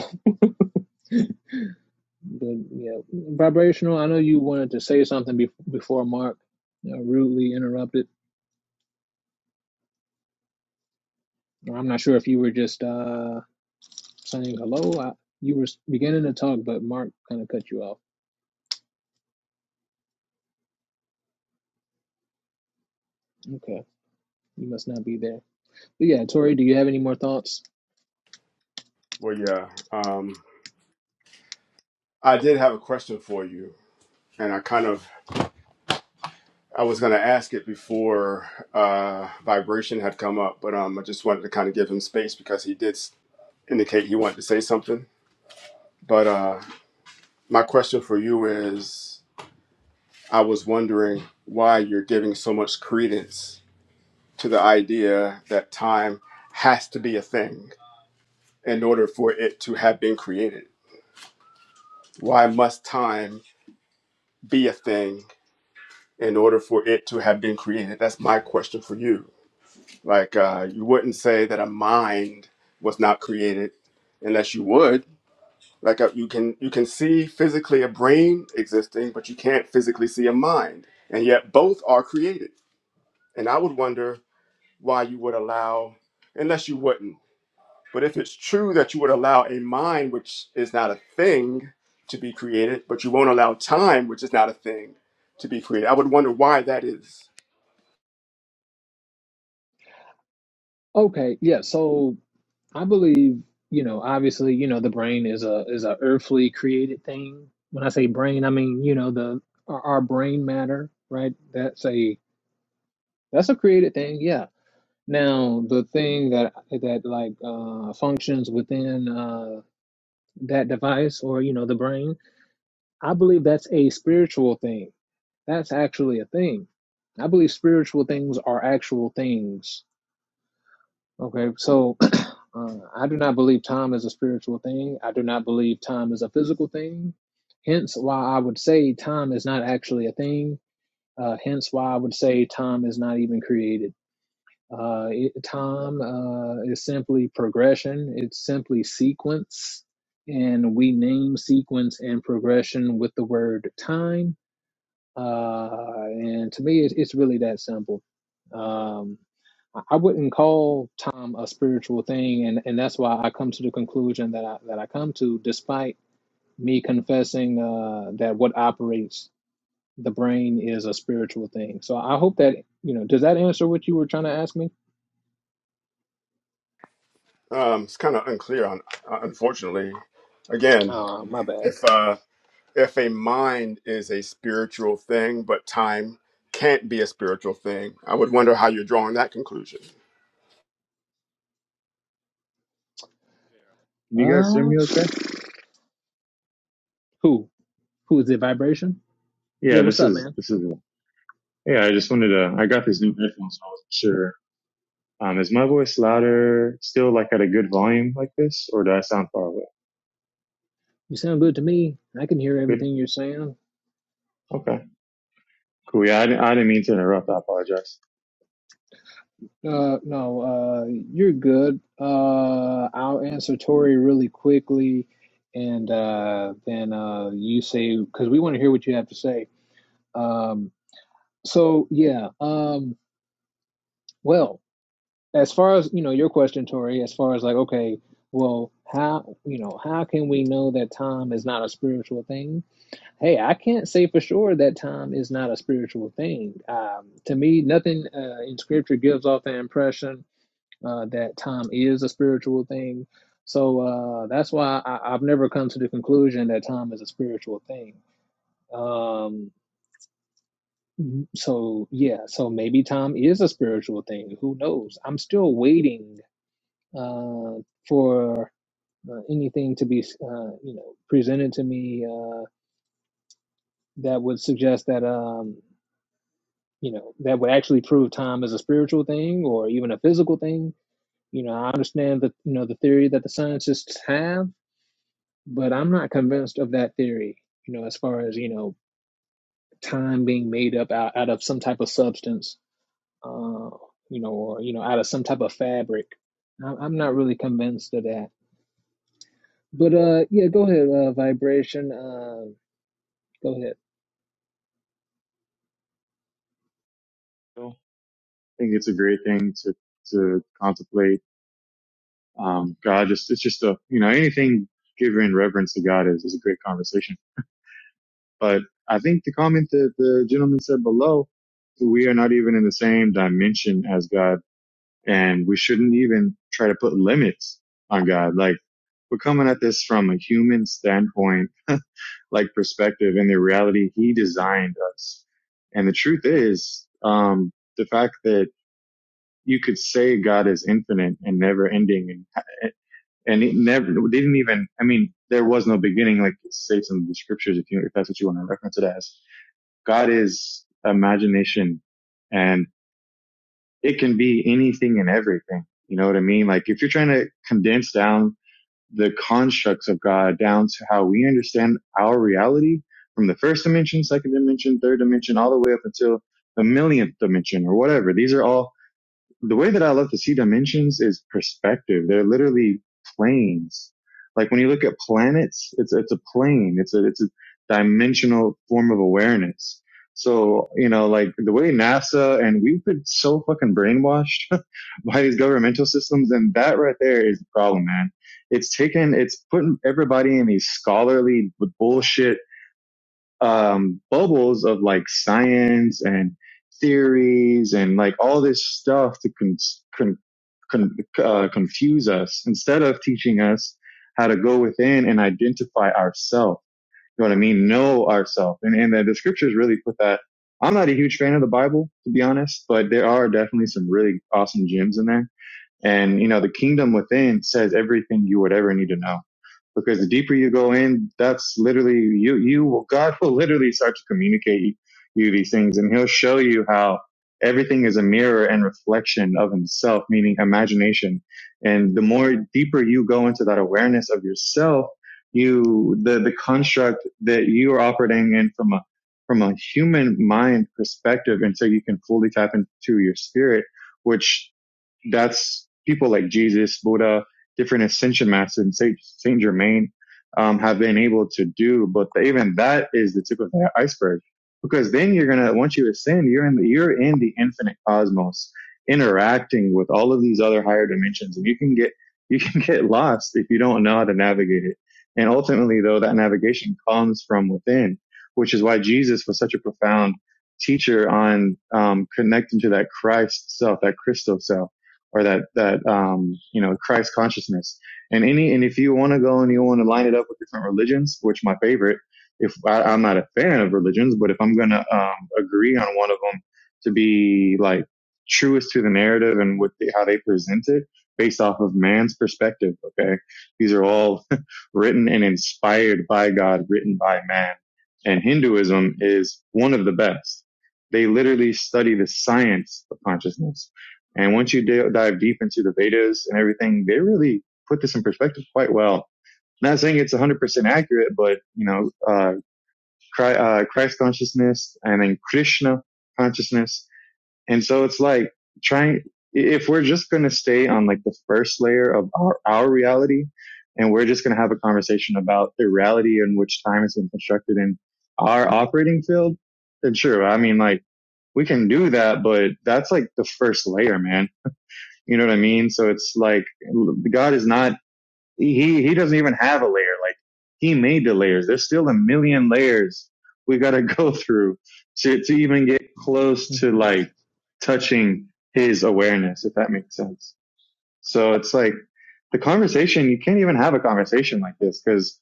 S1: But yeah, vibrational. I know you wanted to say something be- before Mark uh, rudely interrupted. I'm not sure if you were just uh, saying hello. I, you were beginning to talk, but Mark kind of cut you off. Okay, you must not be there. But yeah, Tori, do you have any more thoughts?
S2: Well, yeah, um, I did have a question for you, and I kind of I was going to ask it before uh, vibration had come up, but um, I just wanted to kind of give him space because he did s- indicate he wanted to say something. But uh, my question for you is I was wondering why you're giving so much credence to the idea that time has to be a thing in order for it to have been created. Why must time be a thing in order for it to have been created? That's my question for you Like uh, you wouldn't say that a mind was not created unless you would. Like uh, you can you can see physically a brain existing, but you can't physically see a mind, and yet both are created. And I would wonder why you would allow, unless you wouldn't. But if it's true that you would allow a mind, which is not a thing, to be created, but you won't allow time, which is not a thing, to be created, I would wonder why that is.
S1: Okay, yeah. So I believe, you know, obviously, you know, the brain is a is a earthly created thing. When I say brain, I mean, you know, the our, our brain matter, right? That's a that's a created thing, yeah. Now, the thing that that like uh functions within uh that device or, you know, the brain I believe that's a spiritual thing. That's actually a thing. I believe spiritual things are actual things. Okay, so (clears throat) uh, I do not believe time is a spiritual thing. I do not believe time is a physical thing. Hence, why I would say time is not actually a thing. Uh, hence, why I would say time is not even created. Uh, it, time uh, is simply progression. It's simply sequence, and we name sequence and progression with the word time Uh, and to me, it's, it's really that simple. Um, I I wouldn't call time a spiritual thing, and, and that's why I come to the conclusion that I, that I come to, despite me confessing uh, that what operates the brain is a spiritual thing. So I hope that you know. Does that answer what you were trying to ask me?
S2: Um, it's kind of unclear, on, uh, unfortunately. Again,
S1: Uh, my bad.
S2: if uh if a mind is a spiritual thing but time can't be a spiritual thing i would wonder how you're drawing that conclusion
S4: Can you guys hear
S1: Uh,
S4: me okay?
S1: who who is it? Vibration? Yeah,
S4: Yeah,
S1: what's
S4: this
S1: up,
S4: is
S1: man?
S4: this is yeah, I just wanted to I got these new headphones so I wasn't sure. Um is my voice louder still like at a good volume like this or do I sound far away?
S1: You sound good to me. I can hear
S4: Good.
S1: everything you're saying.
S4: Okay. Cool. Yeah, I didn't, I didn't mean to interrupt. I apologize.
S1: Uh, no, uh, you're good. Uh, I'll answer Tori really quickly, and uh, then uh, you say because we want to hear what you have to say. Um, so yeah. Um, well, as far as you know, your question, Tori, as far as like, okay, well, how you know, how can we know that time is not a spiritual thing? Hey, I can't say for sure that time is not a spiritual thing. Um, to me, nothing uh, in Scripture gives off the impression uh, that time is a spiritual thing. So uh, that's why I, I've never come to the conclusion that time is a spiritual thing. Um, so yeah, so maybe time is a spiritual thing. Who knows? I'm still waiting uh, for uh, anything to be, uh, you know, presented to me uh, that would suggest that, um, you know, that would actually prove time is a spiritual thing or even a physical thing. You know, I understand that you know the theory that the scientists have but I'm not convinced of that theory. You know, as far as you know, time being made up out, out of some type of substance, uh, you know, or you know, out of some type of fabric. I- I'm not really convinced of that. But uh, yeah, go ahead, uh, vibration. Uh, go ahead.
S4: So, I think it's a great thing to to contemplate. Um God just it's just a you know, anything given reverence to God is is a great conversation. But I think the comment that the gentleman said below, we are not even in the same dimension as God, and we shouldn't even try to put limits on God. Like we're coming at this from a human standpoint, (laughs) like perspective, and the reality He designed us. And the truth is, um, the fact that you could say God is infinite and never ending, and and it never it didn't even. I mean, there was no beginning, like it states in the scriptures. If you if that's what you want to reference it as God is imagination and it can be anything and everything. You know what I mean? Like if you're trying to condense down the constructs of God down to how we understand our reality from the first dimension, second dimension, third dimension, all the way up until the millionth dimension or whatever. These are all the way that I love to see dimensions is perspective. They're literally planes. Like when you look at planets, it's it's a plane. It's a it's a dimensional form of awareness. So you know, like the way NASA and we've been so fucking brainwashed (laughs) by these governmental systems, and that right there is the problem, man. It's taken, it's putting everybody in these scholarly bullshit um, bubbles of like science and theories and like all this stuff to con- con- con- uh, confuse us instead of teaching us how to go within and identify ourselves. You know what I mean? Know ourselves. And, and the, the scriptures really put that. I'm not a huge fan of the Bible, to be honest, but there are definitely some really awesome gems in there. And, you know, the kingdom within says everything you would ever need to know because the deeper you go in, that's literally you. You God will literally start to communicate you these things, and He'll show you how everything is a mirror and reflection of Himself, meaning imagination. And the more deeper you go into that awareness of yourself, you the the construct that you are operating in from a from a human mind perspective, and so you can fully tap into your spirit, which that's people like Jesus, Buddha, different ascension masters in Saint, Saint Germain um, have been able to do. But even that is the tip of the iceberg, because then you're gonna once you ascend, you're in the, you're in the infinite cosmos, interacting with all of these other higher dimensions, and you can get (laughs) you can get lost if you don't know how to navigate it. And ultimately, though, that navigation comes from within, which is why Jesus was such a profound teacher on um, connecting to that Christ self, that Christo self or that that um, you know Christ consciousness. And any and if you want to go and you want to line it up with different religions, which my favorite, if I, I'm not a fan of religions, but if I'm gonna um, agree on one of them to be like truest to the narrative and with the, how they present it based off of man's perspective okay these are all (laughs) written and inspired by god written by man and hinduism is one of the best they literally study the science of consciousness and once you d- dive deep into the Vedas and everything, they really put this in perspective quite well. Not saying it's 100% accurate, but you know, uh, Christ, uh, Christ consciousness and then Krishna consciousness. And so it's like trying, if we're just going to stay on like the first layer of our, our reality and we're just going to have a conversation about the reality in which time has been constructed in our operating field, then sure. I mean, like we can do that, but that's like the first layer, man you know what I mean? So it's like God is not he he doesn't even have a layer. Like he made the layers. There's still a million layers we got to (laughs) go through to to even get close to
S1: Mhm.
S4: like touching his awareness if that makes sense. So it's like the conversation you can't even have a conversation like this cuz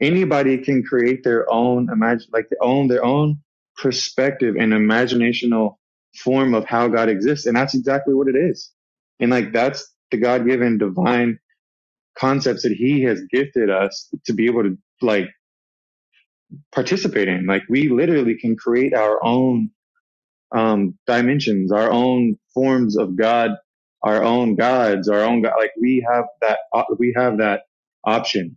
S4: anybody can create their own imagine like their own their own perspective and imaginational form of how God exists. And that's exactly what it is. And like that's the God given divine concepts that he has gifted us to be able to like participate in. Like we literally can create our own um dimensions, our own forms of God, our own gods, our own God. Like we have that, we have that option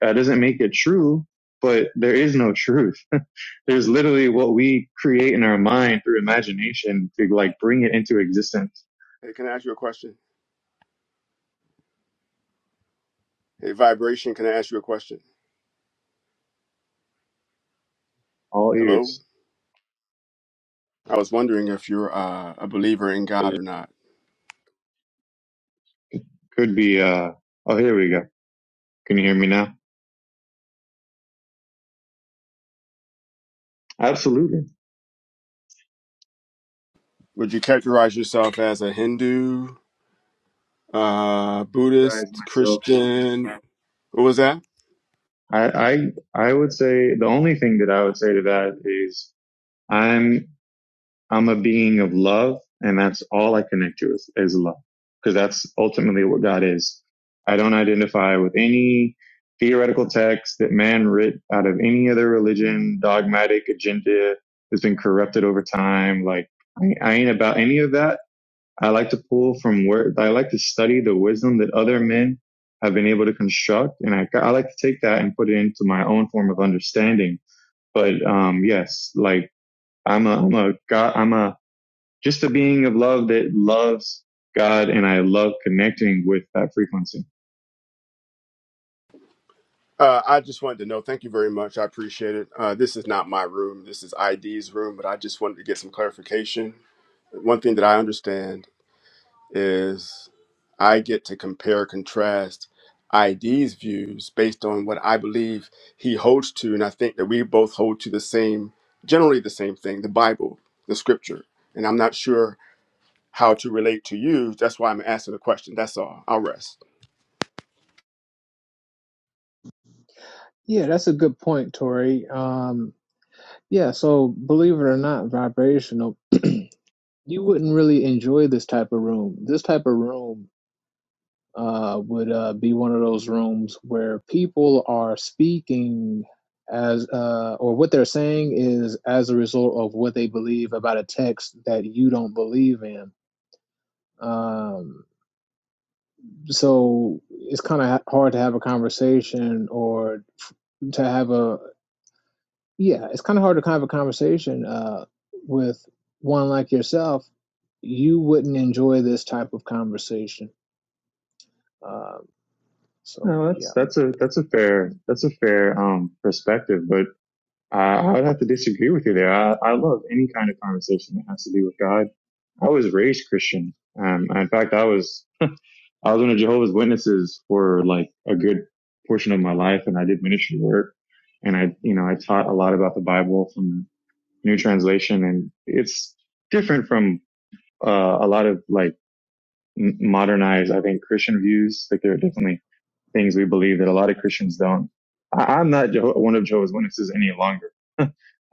S4: That doesn't make it true, but there is no truth. (laughs) There's literally what we create in our mind through imagination to like bring it into existence.
S2: hey can i ask you a question hey vibration can i ask you a question
S4: All
S2: hello
S4: ears.
S2: i was wondering if you're uh, a believer in god or not
S4: Could be, uh, oh, here we go. Can you hear me now? Absolutely.
S2: would you characterize yourself as a hindu uh
S4: Guys,
S2: buddhist
S4: myself.
S2: christian what was that
S4: I, I, I would say the only thing that I would say to that is I'm I'm a being of love, and that's all I connect to is, is love, because that's ultimately what God is. I don't identify with any theoretical text that man writ out of any other religion, dogmatic agenda that's been corrupted over time. Like I, I ain't about any of that. I like to pull from where I like to study the wisdom that other men have been able to construct, and I, I like to take that and put it into my own form of understanding. But um, yes, like I'm a I'm a God I'm a just a being of love that loves God and I love connecting with that frequency.
S2: uh, I just wanted to know. Thank you very much. I appreciate it. Uh, this is not my room. This is ID's room, but I just wanted to get some clarification one thing that I understand is I get to compare, contrast ID's views based on what I believe he holds to. And I think that we both hold to the same, generally the same thing, the Bible, the scripture. And I'm not sure how to relate to you. That's why I'm asking the question. That's all. I'll rest.
S1: Yeah, that's a good point, Tori. Um, yeah, so believe it or not, vibrational. You wouldn't really enjoy this type of room. This type of room uh, would uh, be one of those rooms where people are speaking as uh, or what they're saying is as a result of what they believe about a text that you don't believe in. Um, so it's kind of hard to have a conversation or to have a yeah, it's kind of hard to have a conversation uh, with one like yourself. You wouldn't enjoy this type of conversation. Uh, so
S4: No,
S1: yeah.
S4: that's, that's a, that's a fair, that's a fair, um, perspective, but I, I would have to disagree with you there. I, I love any kind of conversation that has to do with God. I was raised Christian. Um, in fact, I was, I was one of Jehovah's Witnesses for like a good portion of my life and I did ministry work and I, you know, I taught a lot about the Bible from New Translation and it's different from, uh, a lot of like, modernize, I think, Christian views. Like there are definitely things we believe that a lot of Christians don't. I, I'm not Jeho- one of Jehovah's Witnesses any longer. (laughs)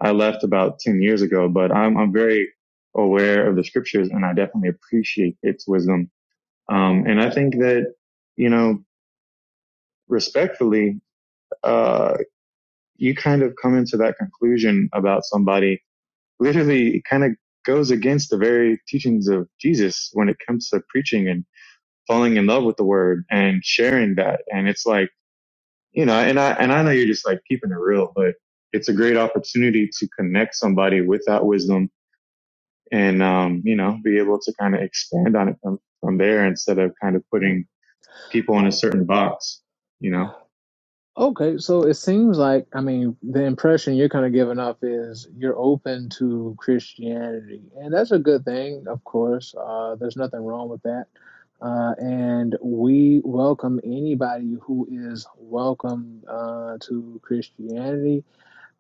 S4: I left about 10 years ago, but I'm, I'm very aware of the scriptures and I definitely appreciate its wisdom. Um, and I think that, you know, respectfully, uh, you kind of come into that conclusion about somebody literally it kind of goes against the very teachings of Jesus when it comes to preaching and falling in love with the word and sharing that. And it's like, you know, and I, and I know you're just like keeping it real, but it's a great opportunity to connect somebody with that wisdom and, um, you know, be able to kind of expand on it from, from there instead of kind of
S1: Mm.
S4: putting people in a certain box, you know?
S1: Okay, so it seems like, I mean, the impression you're kind of giving off is you're open to Christianity, and that's a good thing, of course. Uh, there's nothing wrong with that. Uh, and we welcome anybody who is welcome uh, to Christianity.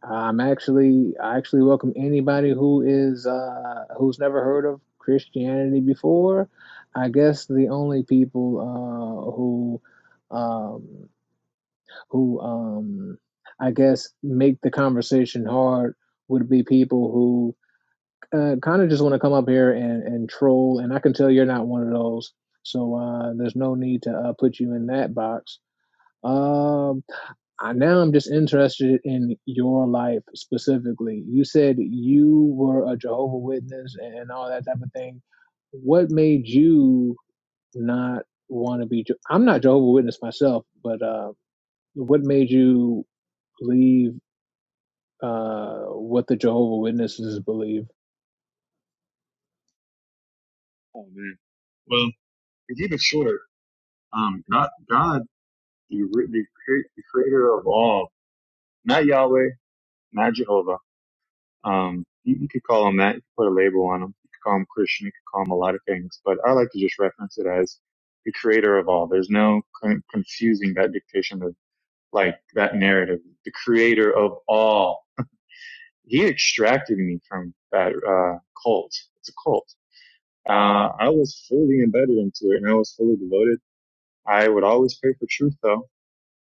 S1: I'm actually I actually welcome anybody who is uh, who's never heard of Christianity before. I guess the only people uh, who um, who um, I guess make the conversation hard would be people who uh, kind of just want to come up here and, and troll. And I can tell you're not one of those, so uh, there's no need to uh, put you in that box. Um I, now I'm just interested in your life specifically. You said you were a Jehovah Witness and all that type of thing. What made you not want to be? Je- I'm not Jehovah Witness myself, but uh, what made you leave uh, what the Jehovah Witnesses believe?
S4: Oh man. Well, to keep it short, um, God, God, the, the, the creator of all, not Yahweh, not Jehovah, Um, you, you could call them that. You could put a label on them. You could call them Christian. You could call them a lot of things. But I like to just reference it as the creator of all. There's no con- confusing that dictation of like that narrative. The creator of all. He extracted me from that uh, cult. It's a cult. Uh, I was fully embedded into it and I was fully devoted. I would always pray for truth though.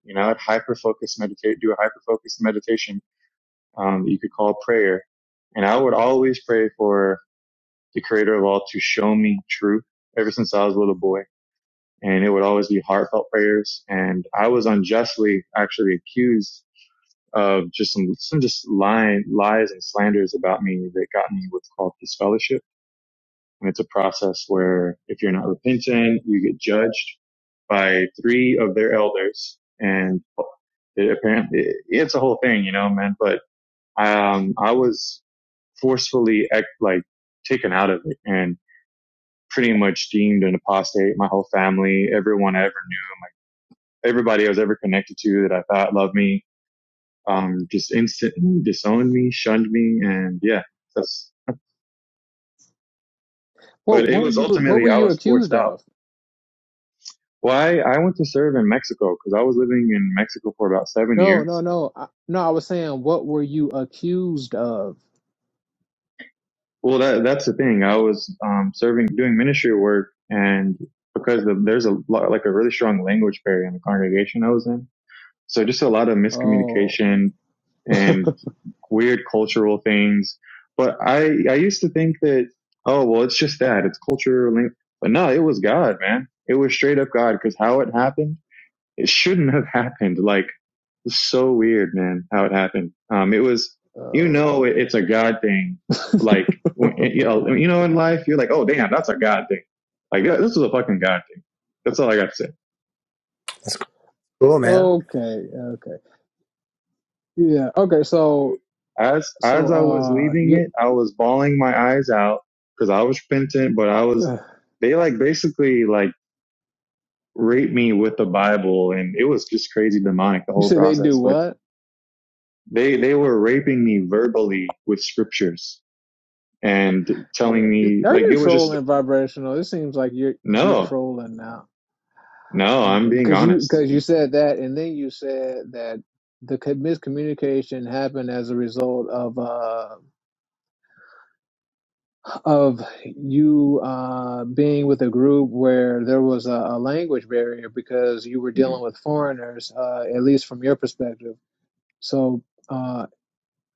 S4: You know, I'd hyper focus meditate, do a hyper focused meditation, um, that you could call prayer. And I would always pray for the creator of all to show me truth ever since I was a little boy. And it would always be heartfelt prayers. And I was unjustly actually accused of just some, some just lying, lies and slanders about me that got me what's called disfellowship. And it's a process where if you're not repentant, you get judged by three of their elders. And it apparently it's a whole thing, you know, man, but, um, I was forcefully like taken out of it. And pretty much deemed an apostate. My whole family, everyone I ever knew, everybody I was ever connected to that I thought loved me, um, just instantly disowned me, shunned me, and yeah, that's.
S1: What,
S4: But it
S1: what were
S4: was
S1: you? What
S4: ultimately
S1: were
S4: I
S1: you
S4: was forced
S1: accused
S4: out.
S1: of?
S4: Why I went to serve in Mexico because I was living in Mexico for about seven
S1: No, no,
S4: years.
S1: no, I, no. I was saying, what were you accused of?
S4: Well, that that's the thing. I was um, serving, doing ministry work, and because the, there's a lot, like a really strong language barrier in the congregation I was in So just a lot of
S1: Oh,
S4: miscommunication and weird cultural things. But I, I used to think that, oh, well, it's just that it's culture. But no, it was God, man. It was straight up God because how it happened, it shouldn't have (laughs) happened. Like it's so weird, man, how it happened. Um, it was, you know,
S1: oh,
S4: it,
S1: okay,
S4: it's a God thing. Like, when, you know, you know, in life, you're like, oh, damn, that's a God thing. Like, yeah, this is a fucking God thing. That's all I got to say.
S3: Cool, man.
S1: okay, okay. Yeah. Okay. So
S4: as as
S1: so
S4: I was
S1: uh
S4: leaving
S1: you
S4: it, I was bawling my eyes out because I was repentant, but I was
S1: uh,
S4: they like basically like raped me with the Bible, and it was just crazy demonic the
S1: you
S4: whole
S1: said they do
S4: process. But
S1: what?
S4: they they were raping me verbally with scriptures and
S1: Yeah.
S4: telling me
S1: Are
S4: like
S1: you
S4: it was just
S1: trolling vibrational? It seems like you're you're
S4: no
S1: trolling now.
S4: no I'm
S1: Okay.
S4: being
S1: Because you
S4: honest.
S1: because you said that, and then you said that the co- miscommunication happened as a result of uh of you uh being with a group where there was a, a language barrier because you were
S4: Mhm.
S1: dealing with foreigners uh at least from your perspective so uh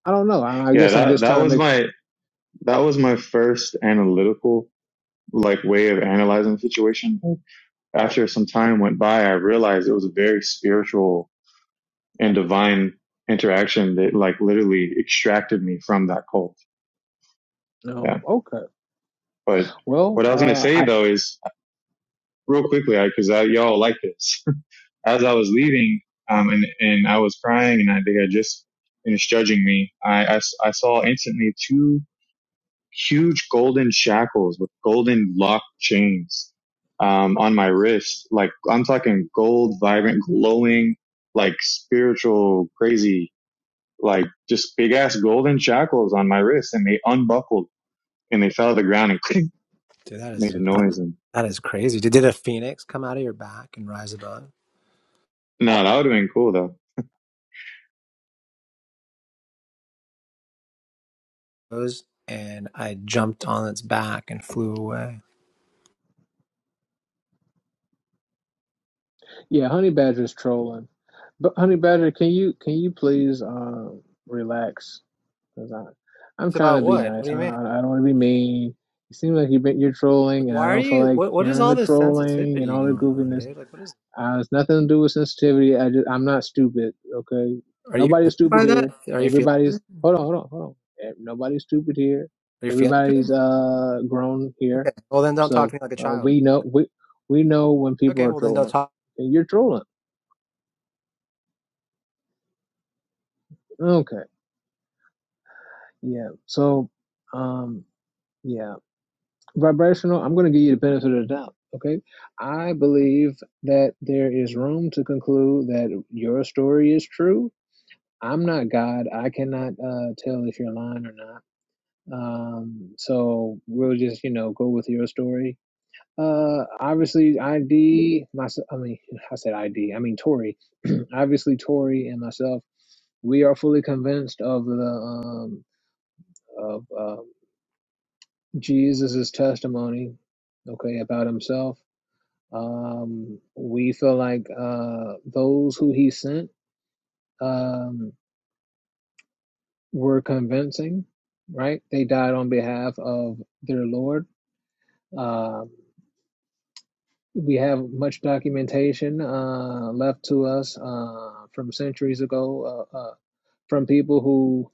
S1: I don't know. I, I
S4: Yeah,
S1: guess I'm
S4: that
S1: just
S4: that
S1: trying to
S4: was
S1: make
S4: my that was my first analytical like way of analyzing the situation. After some time went by, I realized it was a very spiritual and divine interaction that like literally extracted me from that cult.
S1: No.
S4: Yeah.
S1: Okay.
S4: But
S1: Well,
S4: what I was going to
S1: uh,
S4: say
S1: I
S4: though is real quickly, cause I, I, y'all like this. (laughs) As I was leaving, um, and, and I was crying and I, they had just finished judging me. I I I saw instantly two huge golden shackles with golden lock chains um, on my wrist. Like I'm talking gold, vibrant, glowing, like spiritual, crazy, like just big ass golden shackles on my wrist, and they unbuckled and they fell to the ground and (laughs) click,
S3: Dude, that
S4: made
S3: is
S4: a noise. And
S3: that is crazy. Did, did a phoenix come out of your back and rise above?
S4: no, that would have been cool though.
S3: Those and I jumped on its back and flew away.
S1: yeah, Honey Badger's trolling, but Honey Badger, can you can you please um relax? Cause I I'm
S3: It's
S1: trying to
S3: about
S1: be
S3: what? What
S1: nice.
S3: do
S1: I,
S3: you mean?
S1: I don't want to be mean. You seem like you've been you're trolling, and
S3: Why
S1: I
S3: are
S1: don't feel
S3: you?
S1: like
S3: What What is
S1: hearing
S3: all
S1: the
S3: this
S1: trolling and
S3: sensitivity
S1: all the
S3: going on,
S1: goofiness.
S3: dude? Like, what is?
S1: Uh, it's nothing to do with sensitivity. I just, I'm not stupid. Okay,
S3: Are you
S1: nobody's
S3: hurt
S1: stupid
S3: by that?
S1: here.
S3: Are you feeling?
S1: Everybody's
S3: hurt?
S1: hold on, hold on, hold on. Eh, Nobody's stupid here.
S3: Are you feeling?
S1: Everybody's
S3: hurt?
S1: uh grown here,
S3: Okay. Well, then don't talk
S1: so
S3: to me like a
S1: uh,
S3: child.
S1: we know we we know when people
S3: Okay.
S1: are
S3: Well, then don't
S1: trolling.
S3: talk.
S1: And you're trolling. Okay, yeah. So, um, yeah, vibrational. I'm gonna give you the benefit of the doubt. Okay, I believe that there is room to conclude that your story is true I'm not God. I cannot uh, tell if you're lying or not. Um, so we'll just, you know, go with your story. Uh, obviously, ID, my, I mean, (laughs) I said ID, I mean, Tori. (clears throat) obviously, Tori and myself, we are fully convinced of the, um, of uh, Jesus's testimony, okay, about himself. Um, we feel like uh, those who he sent, um, were convincing, right? They died on behalf of their Lord. Uh, we have much documentation uh, left to us uh, from centuries ago uh, uh, from people who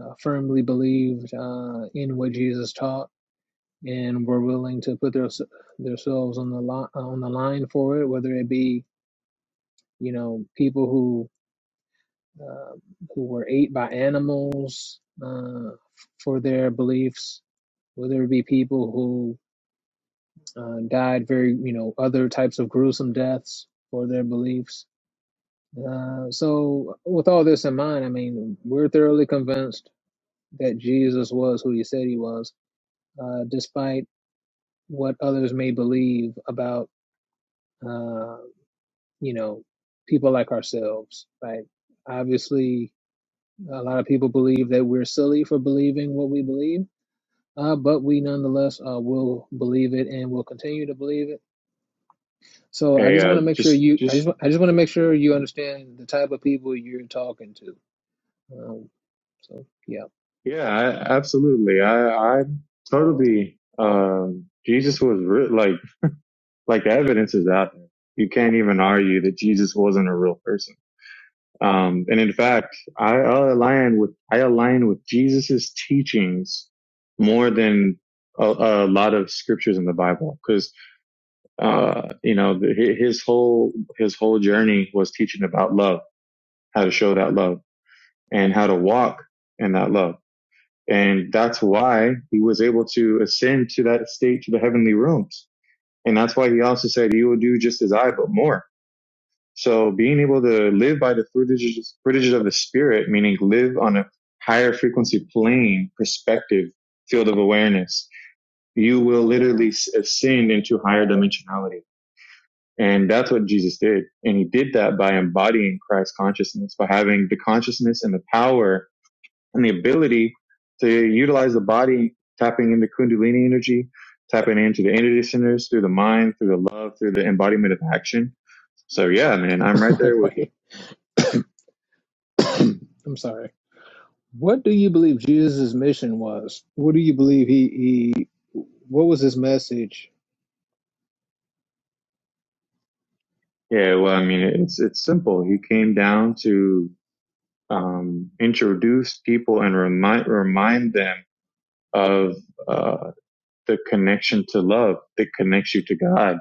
S1: uh, firmly believed uh, in what Jesus taught and were willing to put their, themselves on the li- on the line for it, whether it be you know people who uh, who were ate by animals uh, for their beliefs. Will there be people who uh, died very, you know, other types of gruesome deaths for their beliefs? Uh, so, with all this in mind, I mean, we're thoroughly convinced that Jesus was who he said he was, uh, despite what others may believe about, uh, you know, people like ourselves, right? Obviously, A lot of people believe that we're silly for believing what we believe, uh, but we nonetheless uh, will believe it and will continue to believe it. So I
S4: Hey,
S1: just want
S4: uh,
S1: to make sure
S4: just,
S1: you, I just,
S4: just
S1: wa- I just want to make sure you understand the type of people you're talking to. Um, so yeah,
S4: yeah, I, absolutely. I, I totally. Um, Jesus was re- like, like the evidence is out there. You can't even argue that Jesus wasn't a real person Um, and in fact, I align with I align with Jesus's teachings more than a, a lot of scriptures in the Bible, because uh, you know the, his whole his whole journey was teaching about love, how to show that love, and how to walk in that love, and that's why he was able to ascend to that state to the heavenly realms, and that's why he also said, "You will do just as I, but more." So being able to live by the fruitages, fruitages of the spirit, meaning live on a higher frequency plane, perspective, field of awareness, you will literally ascend into higher dimensionality. And that's what Jesus did. And he did that by embodying Christ consciousness, by having the consciousness and the power and the ability to utilize the body, tapping into Kundalini energy, tapping into the energy centers through the mind, through the love, through the embodiment of action. So yeah, man, I'm right there
S1: (laughs)
S4: with you.
S1: Wait. (coughs) I'm sorry. What do you believe Jesus' mission was? What do you believe he, he what was his message?
S4: Yeah, well, I mean, it's it's simple. He came down to um, introduce people and remind remind them of uh, the connection to love that connects you to God,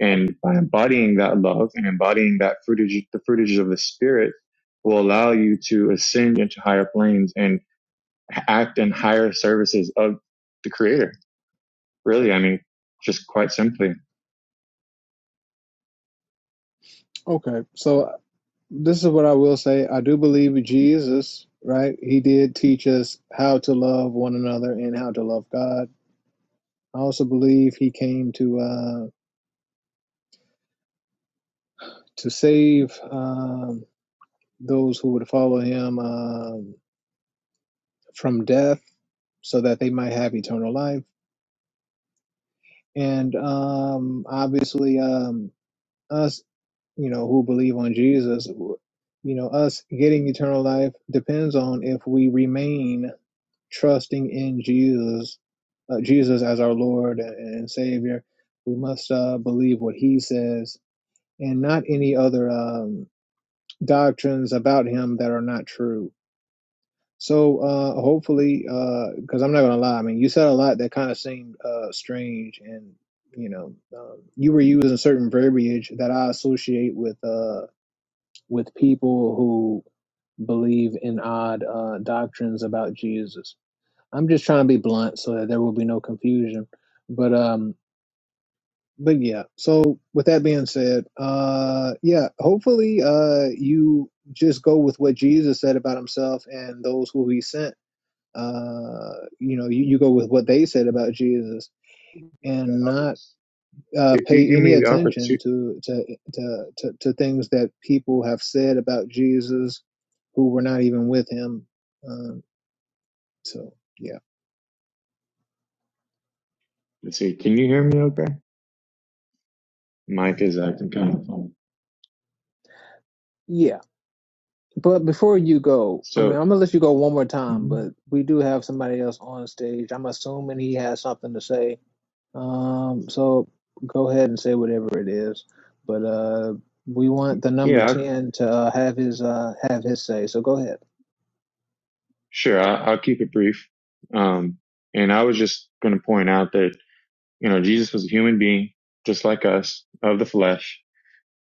S4: and by embodying that love and embodying that fruitage, the fruitage of the Spirit, will allow you to ascend into higher planes and act in higher services of the Creator. Really, I mean, just quite simply.
S1: Okay, so this is what I will say. I do believe Jesus, right? He did teach us how to love one another and how to love God. I also believe he came to uh, to save um, those who would follow him um, from death, so that they might have eternal life. And um, obviously, um, us, you know, who believe on Jesus, you know, us getting eternal life depends on if we remain trusting in Jesus, uh, Jesus as our Lord and, Savior, we must uh, believe what He says and not any other um, doctrines about Him that are not true. So uh, hopefully, because uh, I'm not gonna lie, I mean, you said a lot that kind of seemed uh, strange, and you know, um, you were using certain verbiage that I associate with uh, with people who believe in odd uh, doctrines about Jesus. I'm just trying to be blunt so that there will be no confusion. But um but yeah. So with that being said, uh yeah, hopefully uh you just go with what Jesus said about himself and those who he sent. Uh you know, you, you go with what they said about Jesus and not uh
S4: If you
S1: pay
S4: give
S1: any
S4: me the
S1: attention
S4: opportunity,
S1: to to to to, to things that people have said about Jesus who were not even with him. Um so yeah.
S4: let's see, can you hear me? Okay. Mike is acting kind of funny.
S1: Yeah. But before you go, I mean,
S4: So
S1: I'm gonna let you go one more time,
S4: mm-hmm.
S1: but we do have somebody else on stage. I'm assuming he has something to say. Um, so go ahead and say whatever it is. But uh, we want the number
S4: yeah,
S1: ten to uh, have his uh have his say. So go ahead.
S4: sure. I'll, I'll keep it brief. Um, and I was just going to point out that, you know, Jesus was a human being, just like us, of the flesh.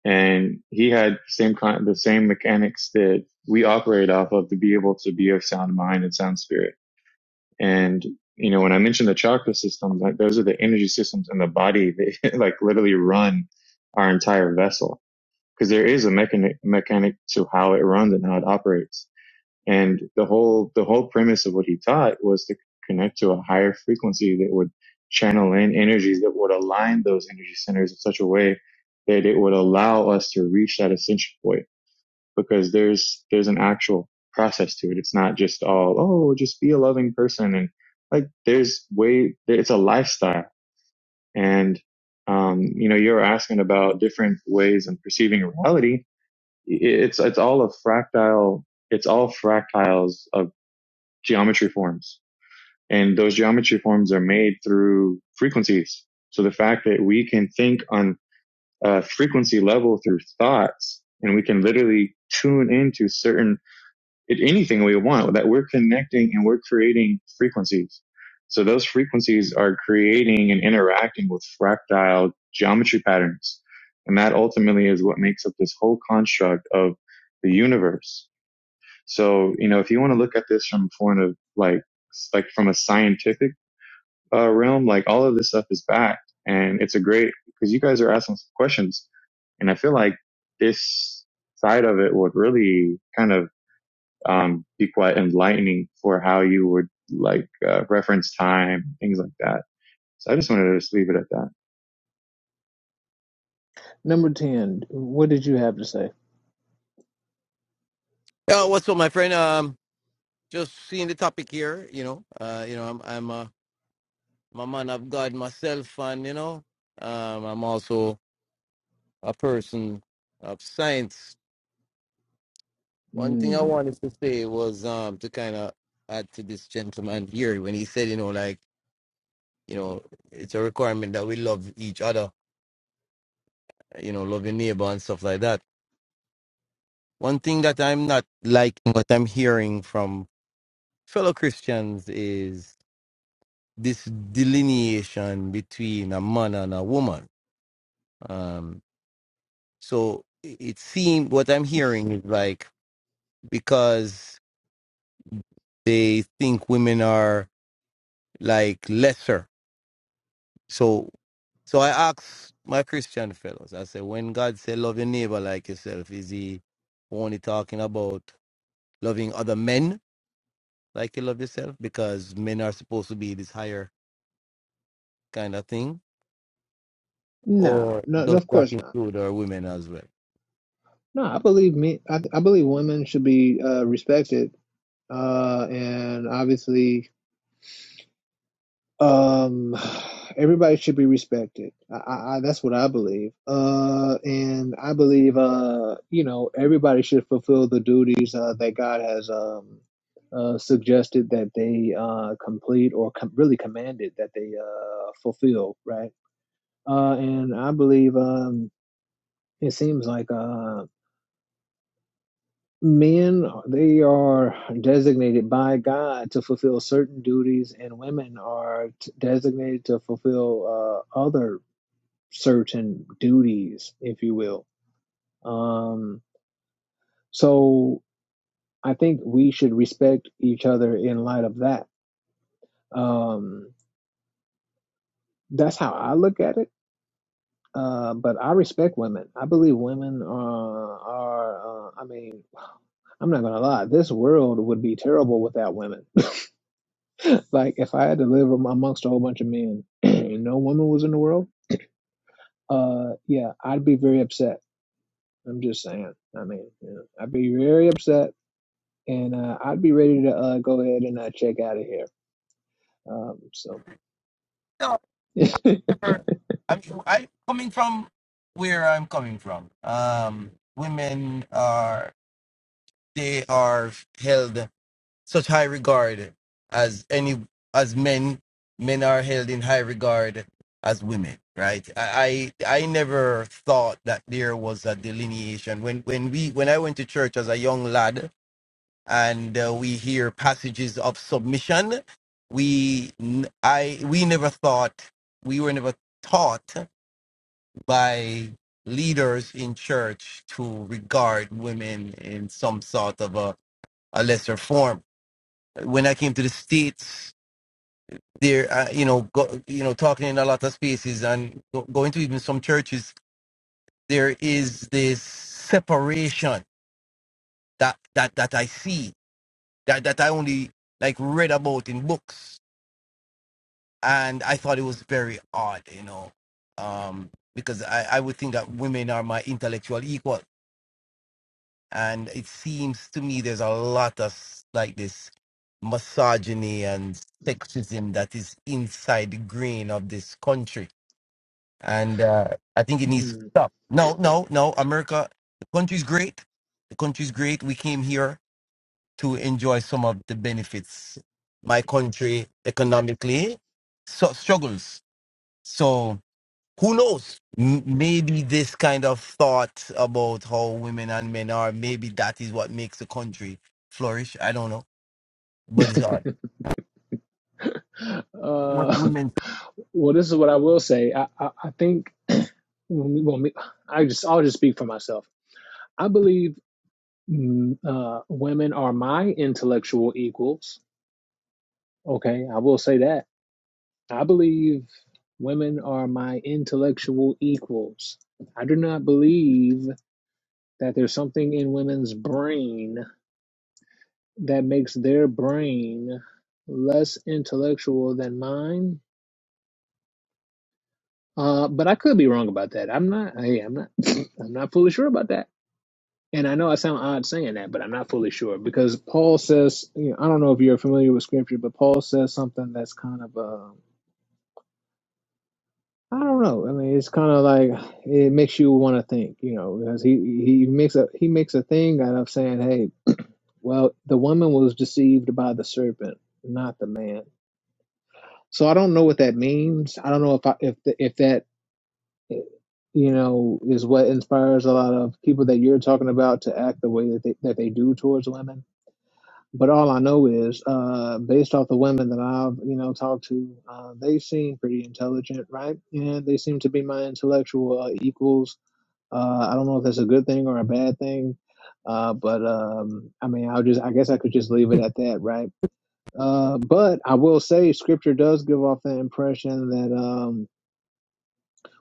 S4: And he had same kind, the same mechanics that we operate off of to be able to be of sound mind and sound spirit. And, you know, when I mentioned the chakra systems, like those are the energy systems in the body that (laughs) like literally run our entire vessel because there is a mechanic mechanic to how it runs and how it operates. And the whole the whole premise of what he taught was to connect to a higher frequency that would channel in energies that would align those energy centers in such a way that it would allow us to reach that ascension point because there's there's an actual process to it. It's not just all oh just be a loving person and like there's way it's a lifestyle and um, you know you're asking about different ways of perceiving reality it's it's all a fractile it's all fractiles of geometry forms and those geometry forms are made through frequencies so the fact that we can think on a frequency level through thoughts and we can literally tune into certain it, anything we want that we're connecting and we're creating frequencies. So those frequencies are creating and interacting with fractile geometry patterns. And that ultimately is what makes up this whole construct of the universe. So, you know, if you want to look at this from a point of like, like from a scientific uh, realm, like all of this stuff is backed and it's a great, because you guys are asking some questions and I feel like this side of it would really kind of um, be quite enlightening for how you would like uh, reference time, things like that. So I just wanted to just leave it at that.
S1: Number ten, what did you have to say?
S6: Yeah, what's up, my friend? Um, just seeing the topic here. You know, uh, you know, I'm I'm a I'm a man of God myself, and you know, um, I'm also a person of science. One thing I
S1: Mm,
S6: wanted to say was um to kind of add to this gentleman here when he said, you know, like you know, it's a requirement that we love each other, you know, love your neighbor and stuff like that. One thing that I'm not liking, what I'm hearing from fellow Christians is this delineation between a man and a woman. Um, so it it seems what I'm hearing is like because they think women are like lesser. So so I ask my Christian fellows, I said, when God said, love your neighbor like yourself, is he only talking about loving other men like you love yourself? Because men are supposed to be this higher kind of thing?
S1: no,
S6: Or
S1: no, no,
S6: does
S1: of
S6: that
S1: course not.
S6: include our women as well?
S1: No, I believe me. I, I believe women should be uh, respected. Uh, and obviously, um everybody should be respected I, I, that's what i believe uh and i believe uh you know everybody should fulfill the duties uh that god has um uh suggested that they uh complete or com- really commanded that they uh fulfill right uh and i believe um it seems like uh men they are designated by god to fulfill certain duties and women are t- designated to fulfill uh other certain duties, if you will. Um, so I think we should respect each other in light of that. Um, that's how I look at it. Uh, but I respect women. I believe women are, are uh, I mean, I'm not going to lie. This world would be terrible without women. (laughs) like, if I had to live am- amongst a whole bunch of men (clears throat) and no woman was in the world, uh, yeah, I'd be very upset. I'm just saying. I mean, you know, I'd be very upset and uh, I'd be ready to uh, go ahead and uh, check out of here. Um, so, (laughs)
S6: However, I'm, I'm coming from where I'm coming from. Um, women are they are held such high regard as any as men. Men are held in high regard as women, right? I I, I never thought that there was a delineation when when we when I went to church as a young lad and uh, we hear passages of submission. We n- I we never thought we were never taught by leaders in church to regard women in some sort of a, a lesser form. When I came to the states, there, uh, you know, go, you know, talking in a lot of spaces and go, going to even some churches, there is this separation that that that I see that that I only like read about in books, and I thought it was very odd, you know, um, because I I would think that women are my intellectual equal. and it seems to me there's a lot of like this misogyny and sexism that is inside the grain of this country and uh, i think it needs to stop no no no america the country's great the country's great we came here to enjoy some of the benefits my country economically so struggles So who knows M- maybe this kind of thought about how women and men are maybe that is what makes a country flourish i don't know but it's odd. what
S1: uh,
S6: women
S1: well, this is what I will say. I, I, I think (clears throat) when we, when we, I just I'll just speak for myself. I believe mm, uh, women are my intellectual equals. Okay, I will say that. I believe women are my intellectual equals. I do not believe that there's something in women's brain that makes their brain less intellectual than mine. Uh, but I could be wrong about that. I'm not. Hey, I'm not. (clears throat) I'm not fully sure about that. And I know I sound odd saying that, but I'm not fully sure because Paul says, you know, I don't know if you're familiar with scripture, but Paul says something that's kind of, uh, I don't know. I mean, it's kind of like it makes you want to think, you know, because he he makes a he makes a thing out of saying, hey, well, the woman was deceived by the serpent, not the man So I don't know what that means. I don't know if I, if the, if that eh, you know is what inspires a lot of people that you're talking about to act the way that they that they do towards women. But all I know is, uh, based off the women that I've you know talked to, uh, they seem pretty intelligent, right? And they seem to be my intellectual uh, equals. Uh, I don't know if that's a good thing or a bad thing, uh, but um, I mean, I'll just I guess I could just leave it at that, right? Uh, but I will say, Scripture does give off the impression that um,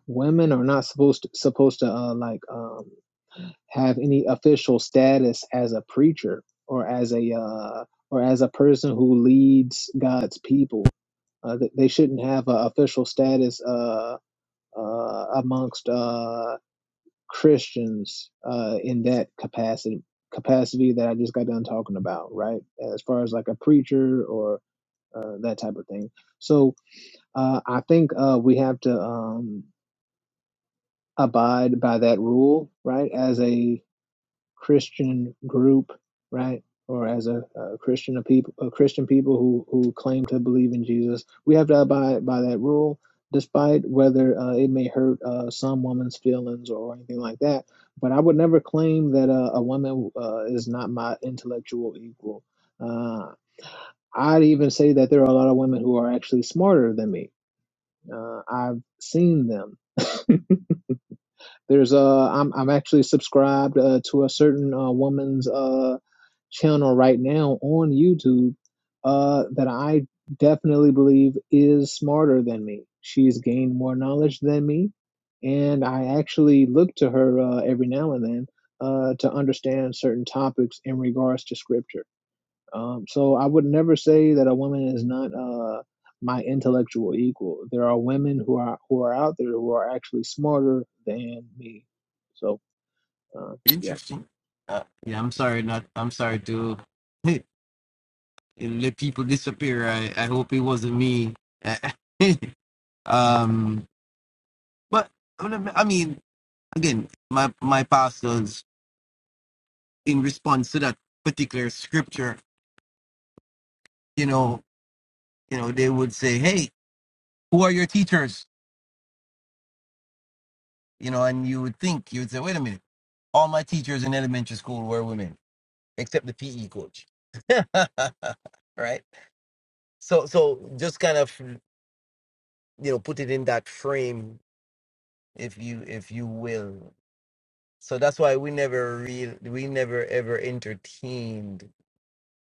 S1: women are not supposed to, supposed to uh, like um, have any official status as a preacher or as a uh, or as a person who leads God's people. Uh, th- they shouldn't have an official status uh, uh, amongst uh, Christians uh, in that capacity capacity that I just got done talking about, right? As far as like a preacher or uh, that type of thing. So Uh, I think uh, we have to um, abide by that rule, right? As a Christian group, right, or as a, a Christian a people, a Christian people who who claim to believe in Jesus, we have to abide by that rule, despite whether uh, it may hurt uh, some woman's feelings or anything like that. But I would never claim that uh, a woman uh, is not my intellectual equal. Uh, I'd even say that there are a lot of women who are actually smarter than me. Uh, I've seen them There's a uh, I'm I'm actually subscribed uh, to a certain uh, woman's uh channel right now on YouTube uh that I definitely believe is smarter than me. She's gained more knowledge than me, and I actually look to her uh, every now and then uh to understand certain topics in regards to scripture. Um, so I would never say that a woman is not uh, my intellectual equal. There are women who are who are out there who are actually smarter than me. So uh, yeah.
S6: interesting uh, yeah i'm sorry not i'm sorry to (laughs) let people disappear i i hope it wasn't me (laughs) um but well, i mean again my my pastors in response to that particular scripture you know you know they would say hey who are your teachers You know, and you would think, you would say, wait a minute, all my teachers in elementary school were women, except the PE coach. (laughs) right? So, so just kind of, you know, put it in that frame, if you, if you will. So that's why we never real, we never ever entertained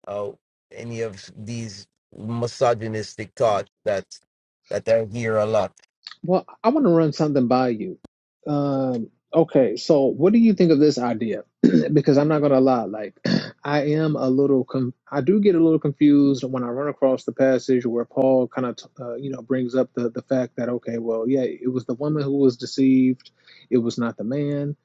S6: uh, any of these misogynistic thoughts that that I hear a lot.
S1: Well, I want to run something by you. Um, okay, so what do you think of this idea? (clears throat) because I'm not gonna lie, like (clears throat) I am a little, com- I do get a little confused when I run across the passage where Paul kind of, uh, you know, brings up the the fact that okay, well, yeah, it was the woman who was deceived, it was not the man.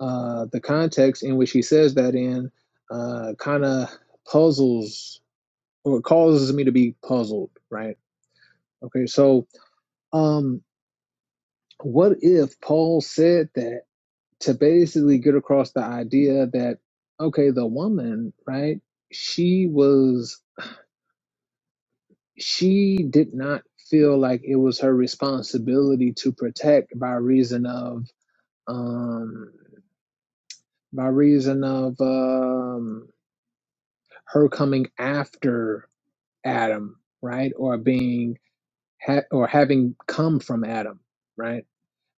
S1: Uh, the context in which he says that in uh, kind of puzzles or causes me to be puzzled, right? Okay, so. um what if Paul said that to basically get across the idea that, okay, the woman, right, she was, she did not feel like it was her responsibility to protect by reason of, um, by reason of, um, her coming after Adam, right, or being, ha- or having come from Adam, right?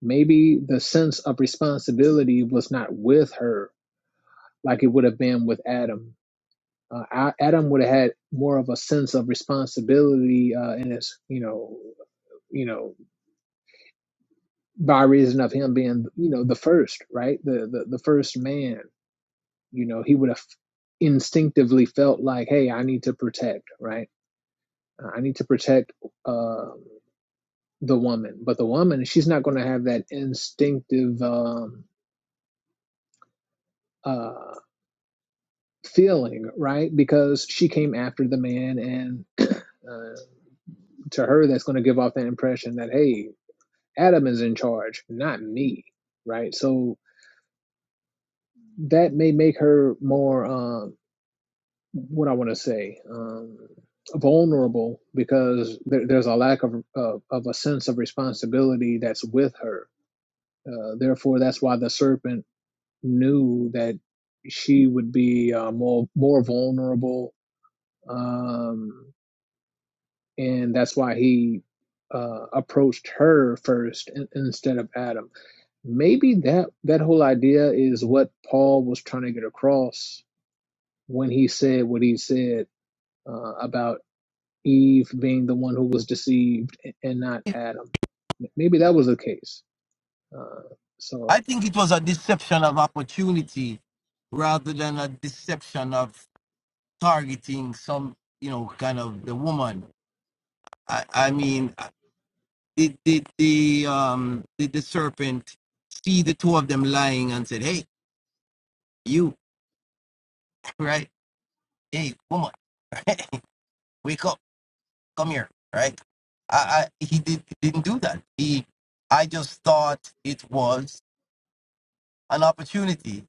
S1: Maybe the sense of responsibility was not with her like it would have been with Adam. Uh, Adam would have had more of a sense of responsibility uh, in his, you know, you know, by reason of him being, you know, the first, right, the the, the first man. You know, he would have instinctively felt like, hey, I need to protect, right? I need to protect uh, the woman, but the woman, she's not going to have that instinctive um, uh, feeling, right? Because she came after the man and (clears throat) uh, to her that's going to give off that impression that hey adam is in charge not me right so that may make her more um what i want to say um vulnerable because there, there's a lack of, of of a sense of responsibility that's with her uh, therefore that's why the serpent knew that she would be uh, more more vulnerable um and that's why he uh, approached her first in, instead of adam maybe that that whole idea is what Paul was trying to get across when he said what he said uh, about Eve being the one who was deceived and not
S6: It-
S1: Adam. Maybe that was the case. Uh, so,
S6: I think it was a deception of opportunity rather than a deception of targeting some, you know, kind of the woman. I, I mean, uh, did did the um did the serpent see the two of them lying and said, "Hey, you, right? Hey, woman, (laughs) wake up, come here, right?" I, I he did didn't do that. He, I just thought it was an opportunity.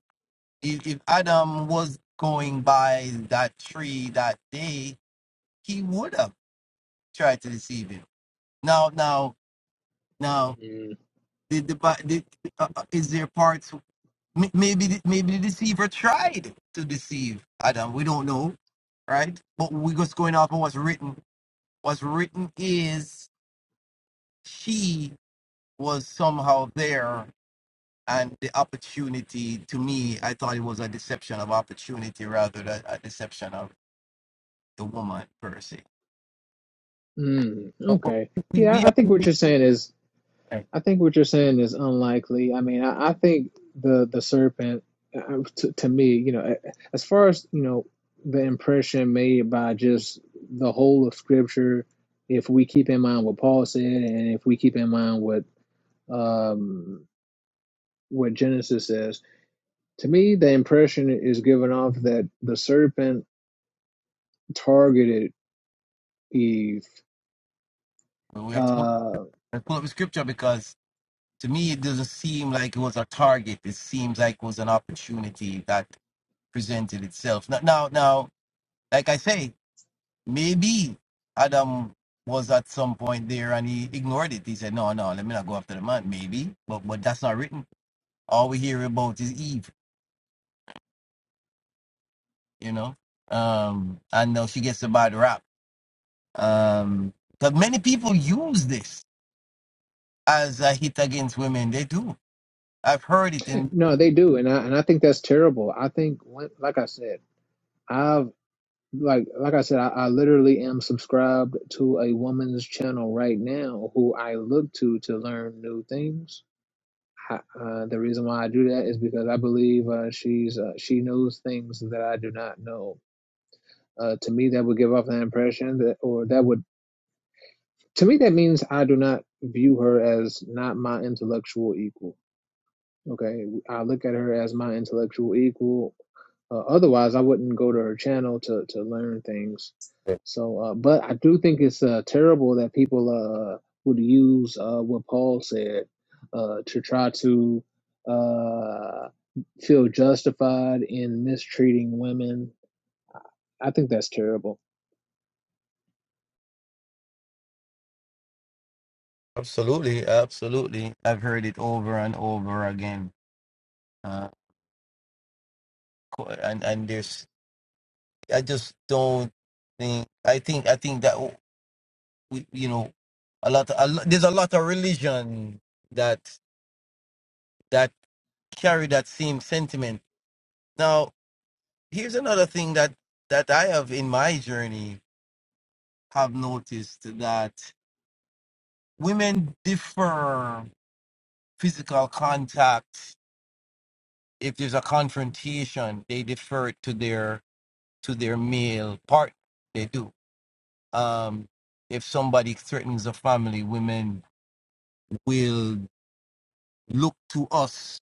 S6: If, if Adam was going by that tree that day, he would have tried to deceive him. Now, now, now.
S1: Mm.
S6: Did the, bi- did, uh, uh, is there parts? m- Maybe the- maybe the deceiver tried to deceive Adam. We don't know, right? But we're just going off of what's written. What's written is she was somehow there, and the opportunity to me, I thought it was a deception of opportunity rather than a deception of the woman per se.
S1: mm,
S6: But but
S1: okay,
S6: we, we
S1: yeah, I
S6: have
S1: think
S6: to
S1: what you're saying is I think what you're saying is unlikely. I mean, I, I think the the serpent, uh, to, to me, you know, a- as far as you know, the impression made by just the whole of Scripture, if we keep in mind what Paul said, and if we keep in mind what um, what Genesis says, to me, the impression is given off that the serpent targeted Eve.
S6: we have to pull,
S1: Uh,
S6: pull up the scripture because to me it doesn't seem like it was a target it seems like it was an opportunity that presented itself now now, now like i say maybe adam was at some point there and he ignored it he said no no let me not go after the man maybe but but that's not written all we hear about is eve you know um and now she gets a bad rap um but many people use this as a hit against women they do i've heard it in
S1: no, they do, and I and I think that's terrible. I think, when- like I said. I've like like I said, I, I literally am subscribed to a woman's channel right now who I look to to learn new things. I, uh, the reason why I do that is because I believe uh, she's uh, she knows things that I do not know. Uh, to me, that would give off an impression that, or that would to me that means I do not view her as not my intellectual equal. Okay, I look at her as my intellectual equal. Uh, otherwise, I wouldn't go to her channel to to learn things. So, uh, but I do think it's uh, terrible that people uh, would use uh, what Paul said uh, to try to uh, feel justified in mistreating women. I think that's terrible.
S6: Absolutely, absolutely. I've heard it over and over again. Uh, co- and and there's, I just don't think. I think I think that w- we, you know, a lot. A, lo- there's a lot of religion that that carry that same sentiment. Now, here's another thing that that I have in my journey have noticed that women defer physical contact if there's a confrontation. They defer it to their to their male partner. They do. Um, if somebody threatens a family, women will look to us,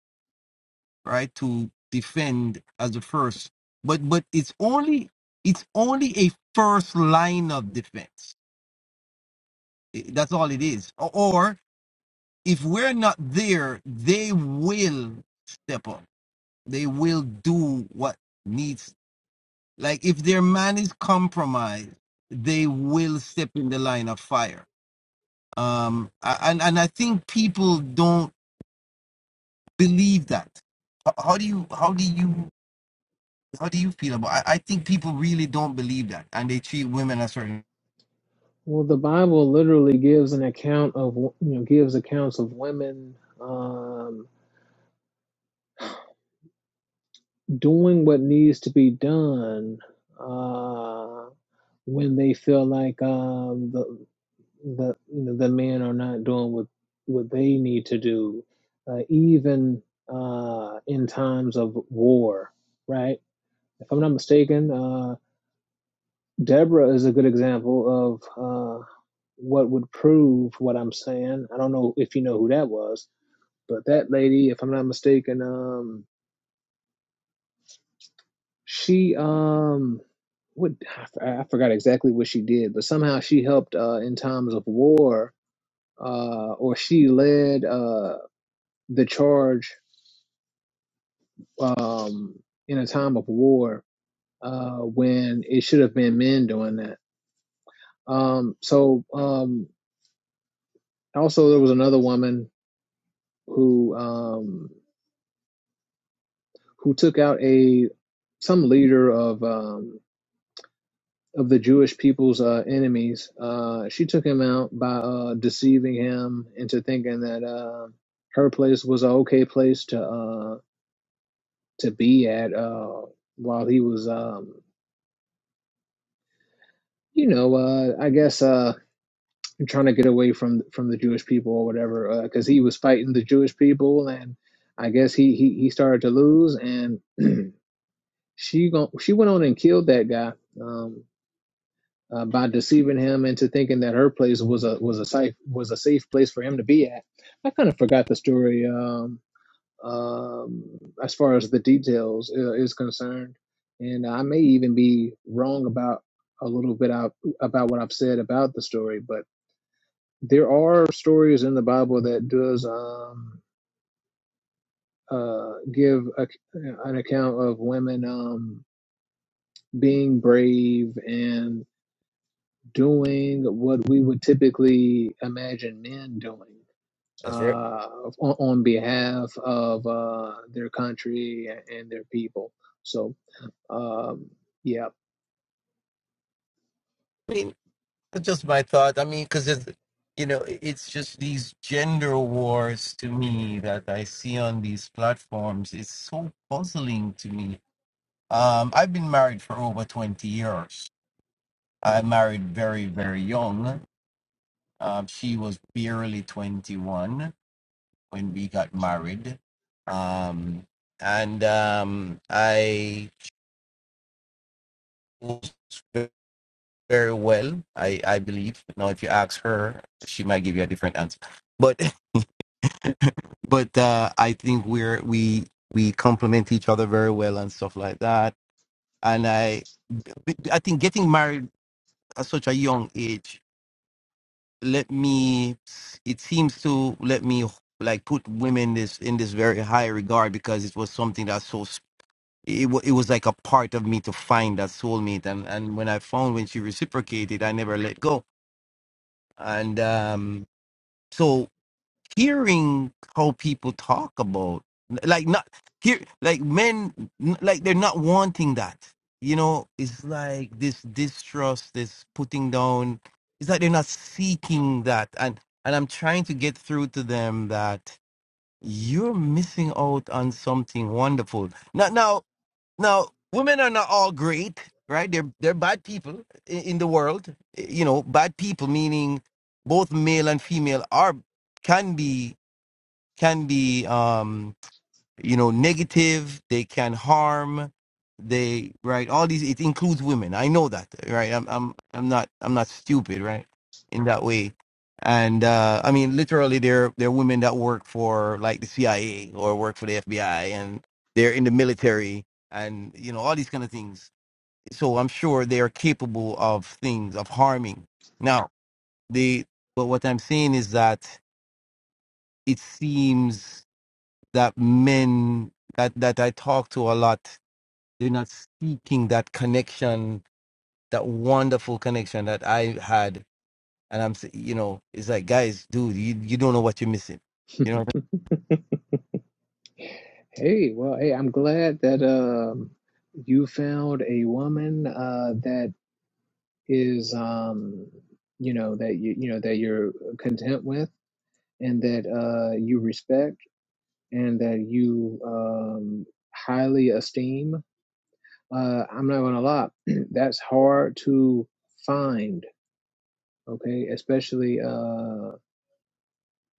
S6: right, to defend as a first. But but it's only it's only a first line of defense. I- That's all it is. O- Or if we're not there, they will step up. They will do what needs. Like if their man is compromised, they will step in the line of fire um a- and and i think people don't believe that H- how do you how do you how do you feel about i, I think people really don't believe that and they treat women a certain
S1: Well, the Bible literally gives an account of you know gives accounts of women. Um, doing what needs to be done uh, when they feel like um, the the you know, the men are not doing what what they need to do, uh, even uh, in times of war, right? If I'm not mistaken, uh, Deborah is a good example of uh, what would prove what I'm saying. I don't know if you know who that was, but that lady, if I'm not mistaken, um, She um what I, f- I forgot exactly what she did, but somehow she helped uh in times of war uh or she led uh the charge um in a time of war uh when it should have been men doing that. Um so um also there was another woman who um who took out a some leader of um. of the Jewish people's uh, enemies. Uh, she took him out by uh, deceiving him into thinking that uh, her place was an okay place to uh, to be at uh, while he was, um, you know, uh, I guess uh, trying to get away from from the Jewish people or whatever, because he was fighting the Jewish people, and I guess he he, he started to lose, and (clears throat) she gon- she went on and killed that guy. Um, uh, by deceiving him into thinking that her place was a was a safe was a safe place for him to be at. I kind of forgot the story um, um, as far as the details uh, is concerned, and I may even be wrong about a little bit out, about what I've said about the story. But there are stories in the Bible that does um, uh, give a, an account of women um, being brave and doing what we would typically imagine men doing
S6: that's right
S1: uh, on, on behalf of uh, their country and their people. So, um, yeah.
S6: i mean that's just my thought i mean because it's you know i- it's just these gender wars to me that i see on these platforms it's so puzzling to me um i've been married for over 20 years i married very very young um, she was barely 21 when we got married. Um, and um, I was very well, I, I believe. Now, if you ask her, she might give you a different answer. But (laughs) but uh, I think we're we we complement each other very well and stuff like that. And I I think getting married at such a young age let me it seems to let me like put women this in this very high regard because it was something that's so it, wa it was like a part of me to find that soulmate and and when i found when she reciprocated i never let go and um so hearing how people talk about like not here like men n- like they're not wanting that you know it's like this distrust this putting down it's like they're not seeking that and and i'm trying to get through to them that you're missing out on something wonderful now now now, women are not all great, right? They're they're bad people in, in the world. You know, bad people meaning both male and female are can be can be um you know negative they can harm they right all these it includes women i know that right i'm i'm i'm not i'm not stupid right in that way and uh i mean literally there there are women that work for like the cia or work for the fbi and they're in the military and you know all these kind of things so i'm sure they are capable of things of harming now the but what i'm saying is that it seems that men that that I talk to a lot, they're not seeking that connection, that wonderful connection that I had. And I'm, s- you know, it's like, guys, dude, you, you don't know what you're missing.
S1: (laughs)
S6: You know. What I
S1: hey, well, hey, I'm glad that um, you found a woman uh, that is, um, you know, that you you know that you're content with and that uh, you respect and that you um, highly esteem uh, I'm not gonna lie, (clears throat) that's hard to find. Okay, especially uh,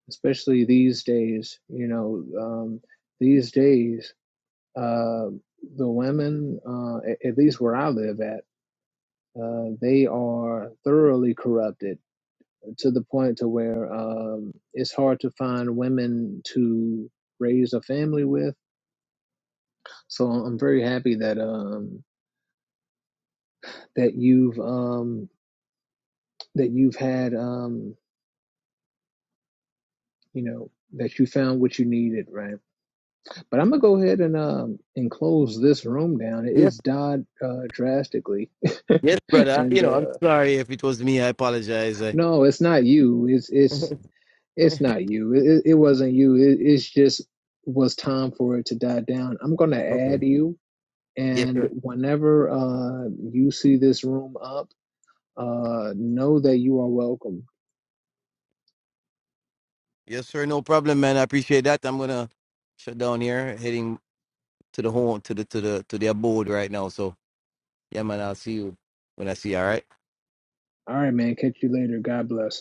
S1: especially these days. You know, um, these days, uh, the women, uh, at least where I live at, uh, they are thoroughly corrupted to the point to where um, it's hard to find women to raise a family with. So I'm very happy that um, that you've um, that you've had. Um, you know that you found what you needed right but i'm gonna go ahead and um and close this room down
S6: mean? Yes,
S1: it's died uh drastically
S6: yes,
S1: (laughs)
S6: brother.
S1: and
S6: You know, I'm
S1: uh
S6: sorry if it was me. I apologize. I...
S1: no it's not you it's it's
S6: (laughs)
S1: it's not you it, it it wasn't you it, it's just was time for it to die down i'm gonna
S6: okay.
S1: add you
S6: Yes,
S1: and
S6: sir.
S1: whenever uh you see this room up uh know that you are welcome
S6: Yes, sir. No problem, man. I appreciate that. I'm gonna shut down here, heading to the home, to the to the to the abode right now. So yeah, man. I'll see you when I see you. All right.
S1: all right man catch you later god bless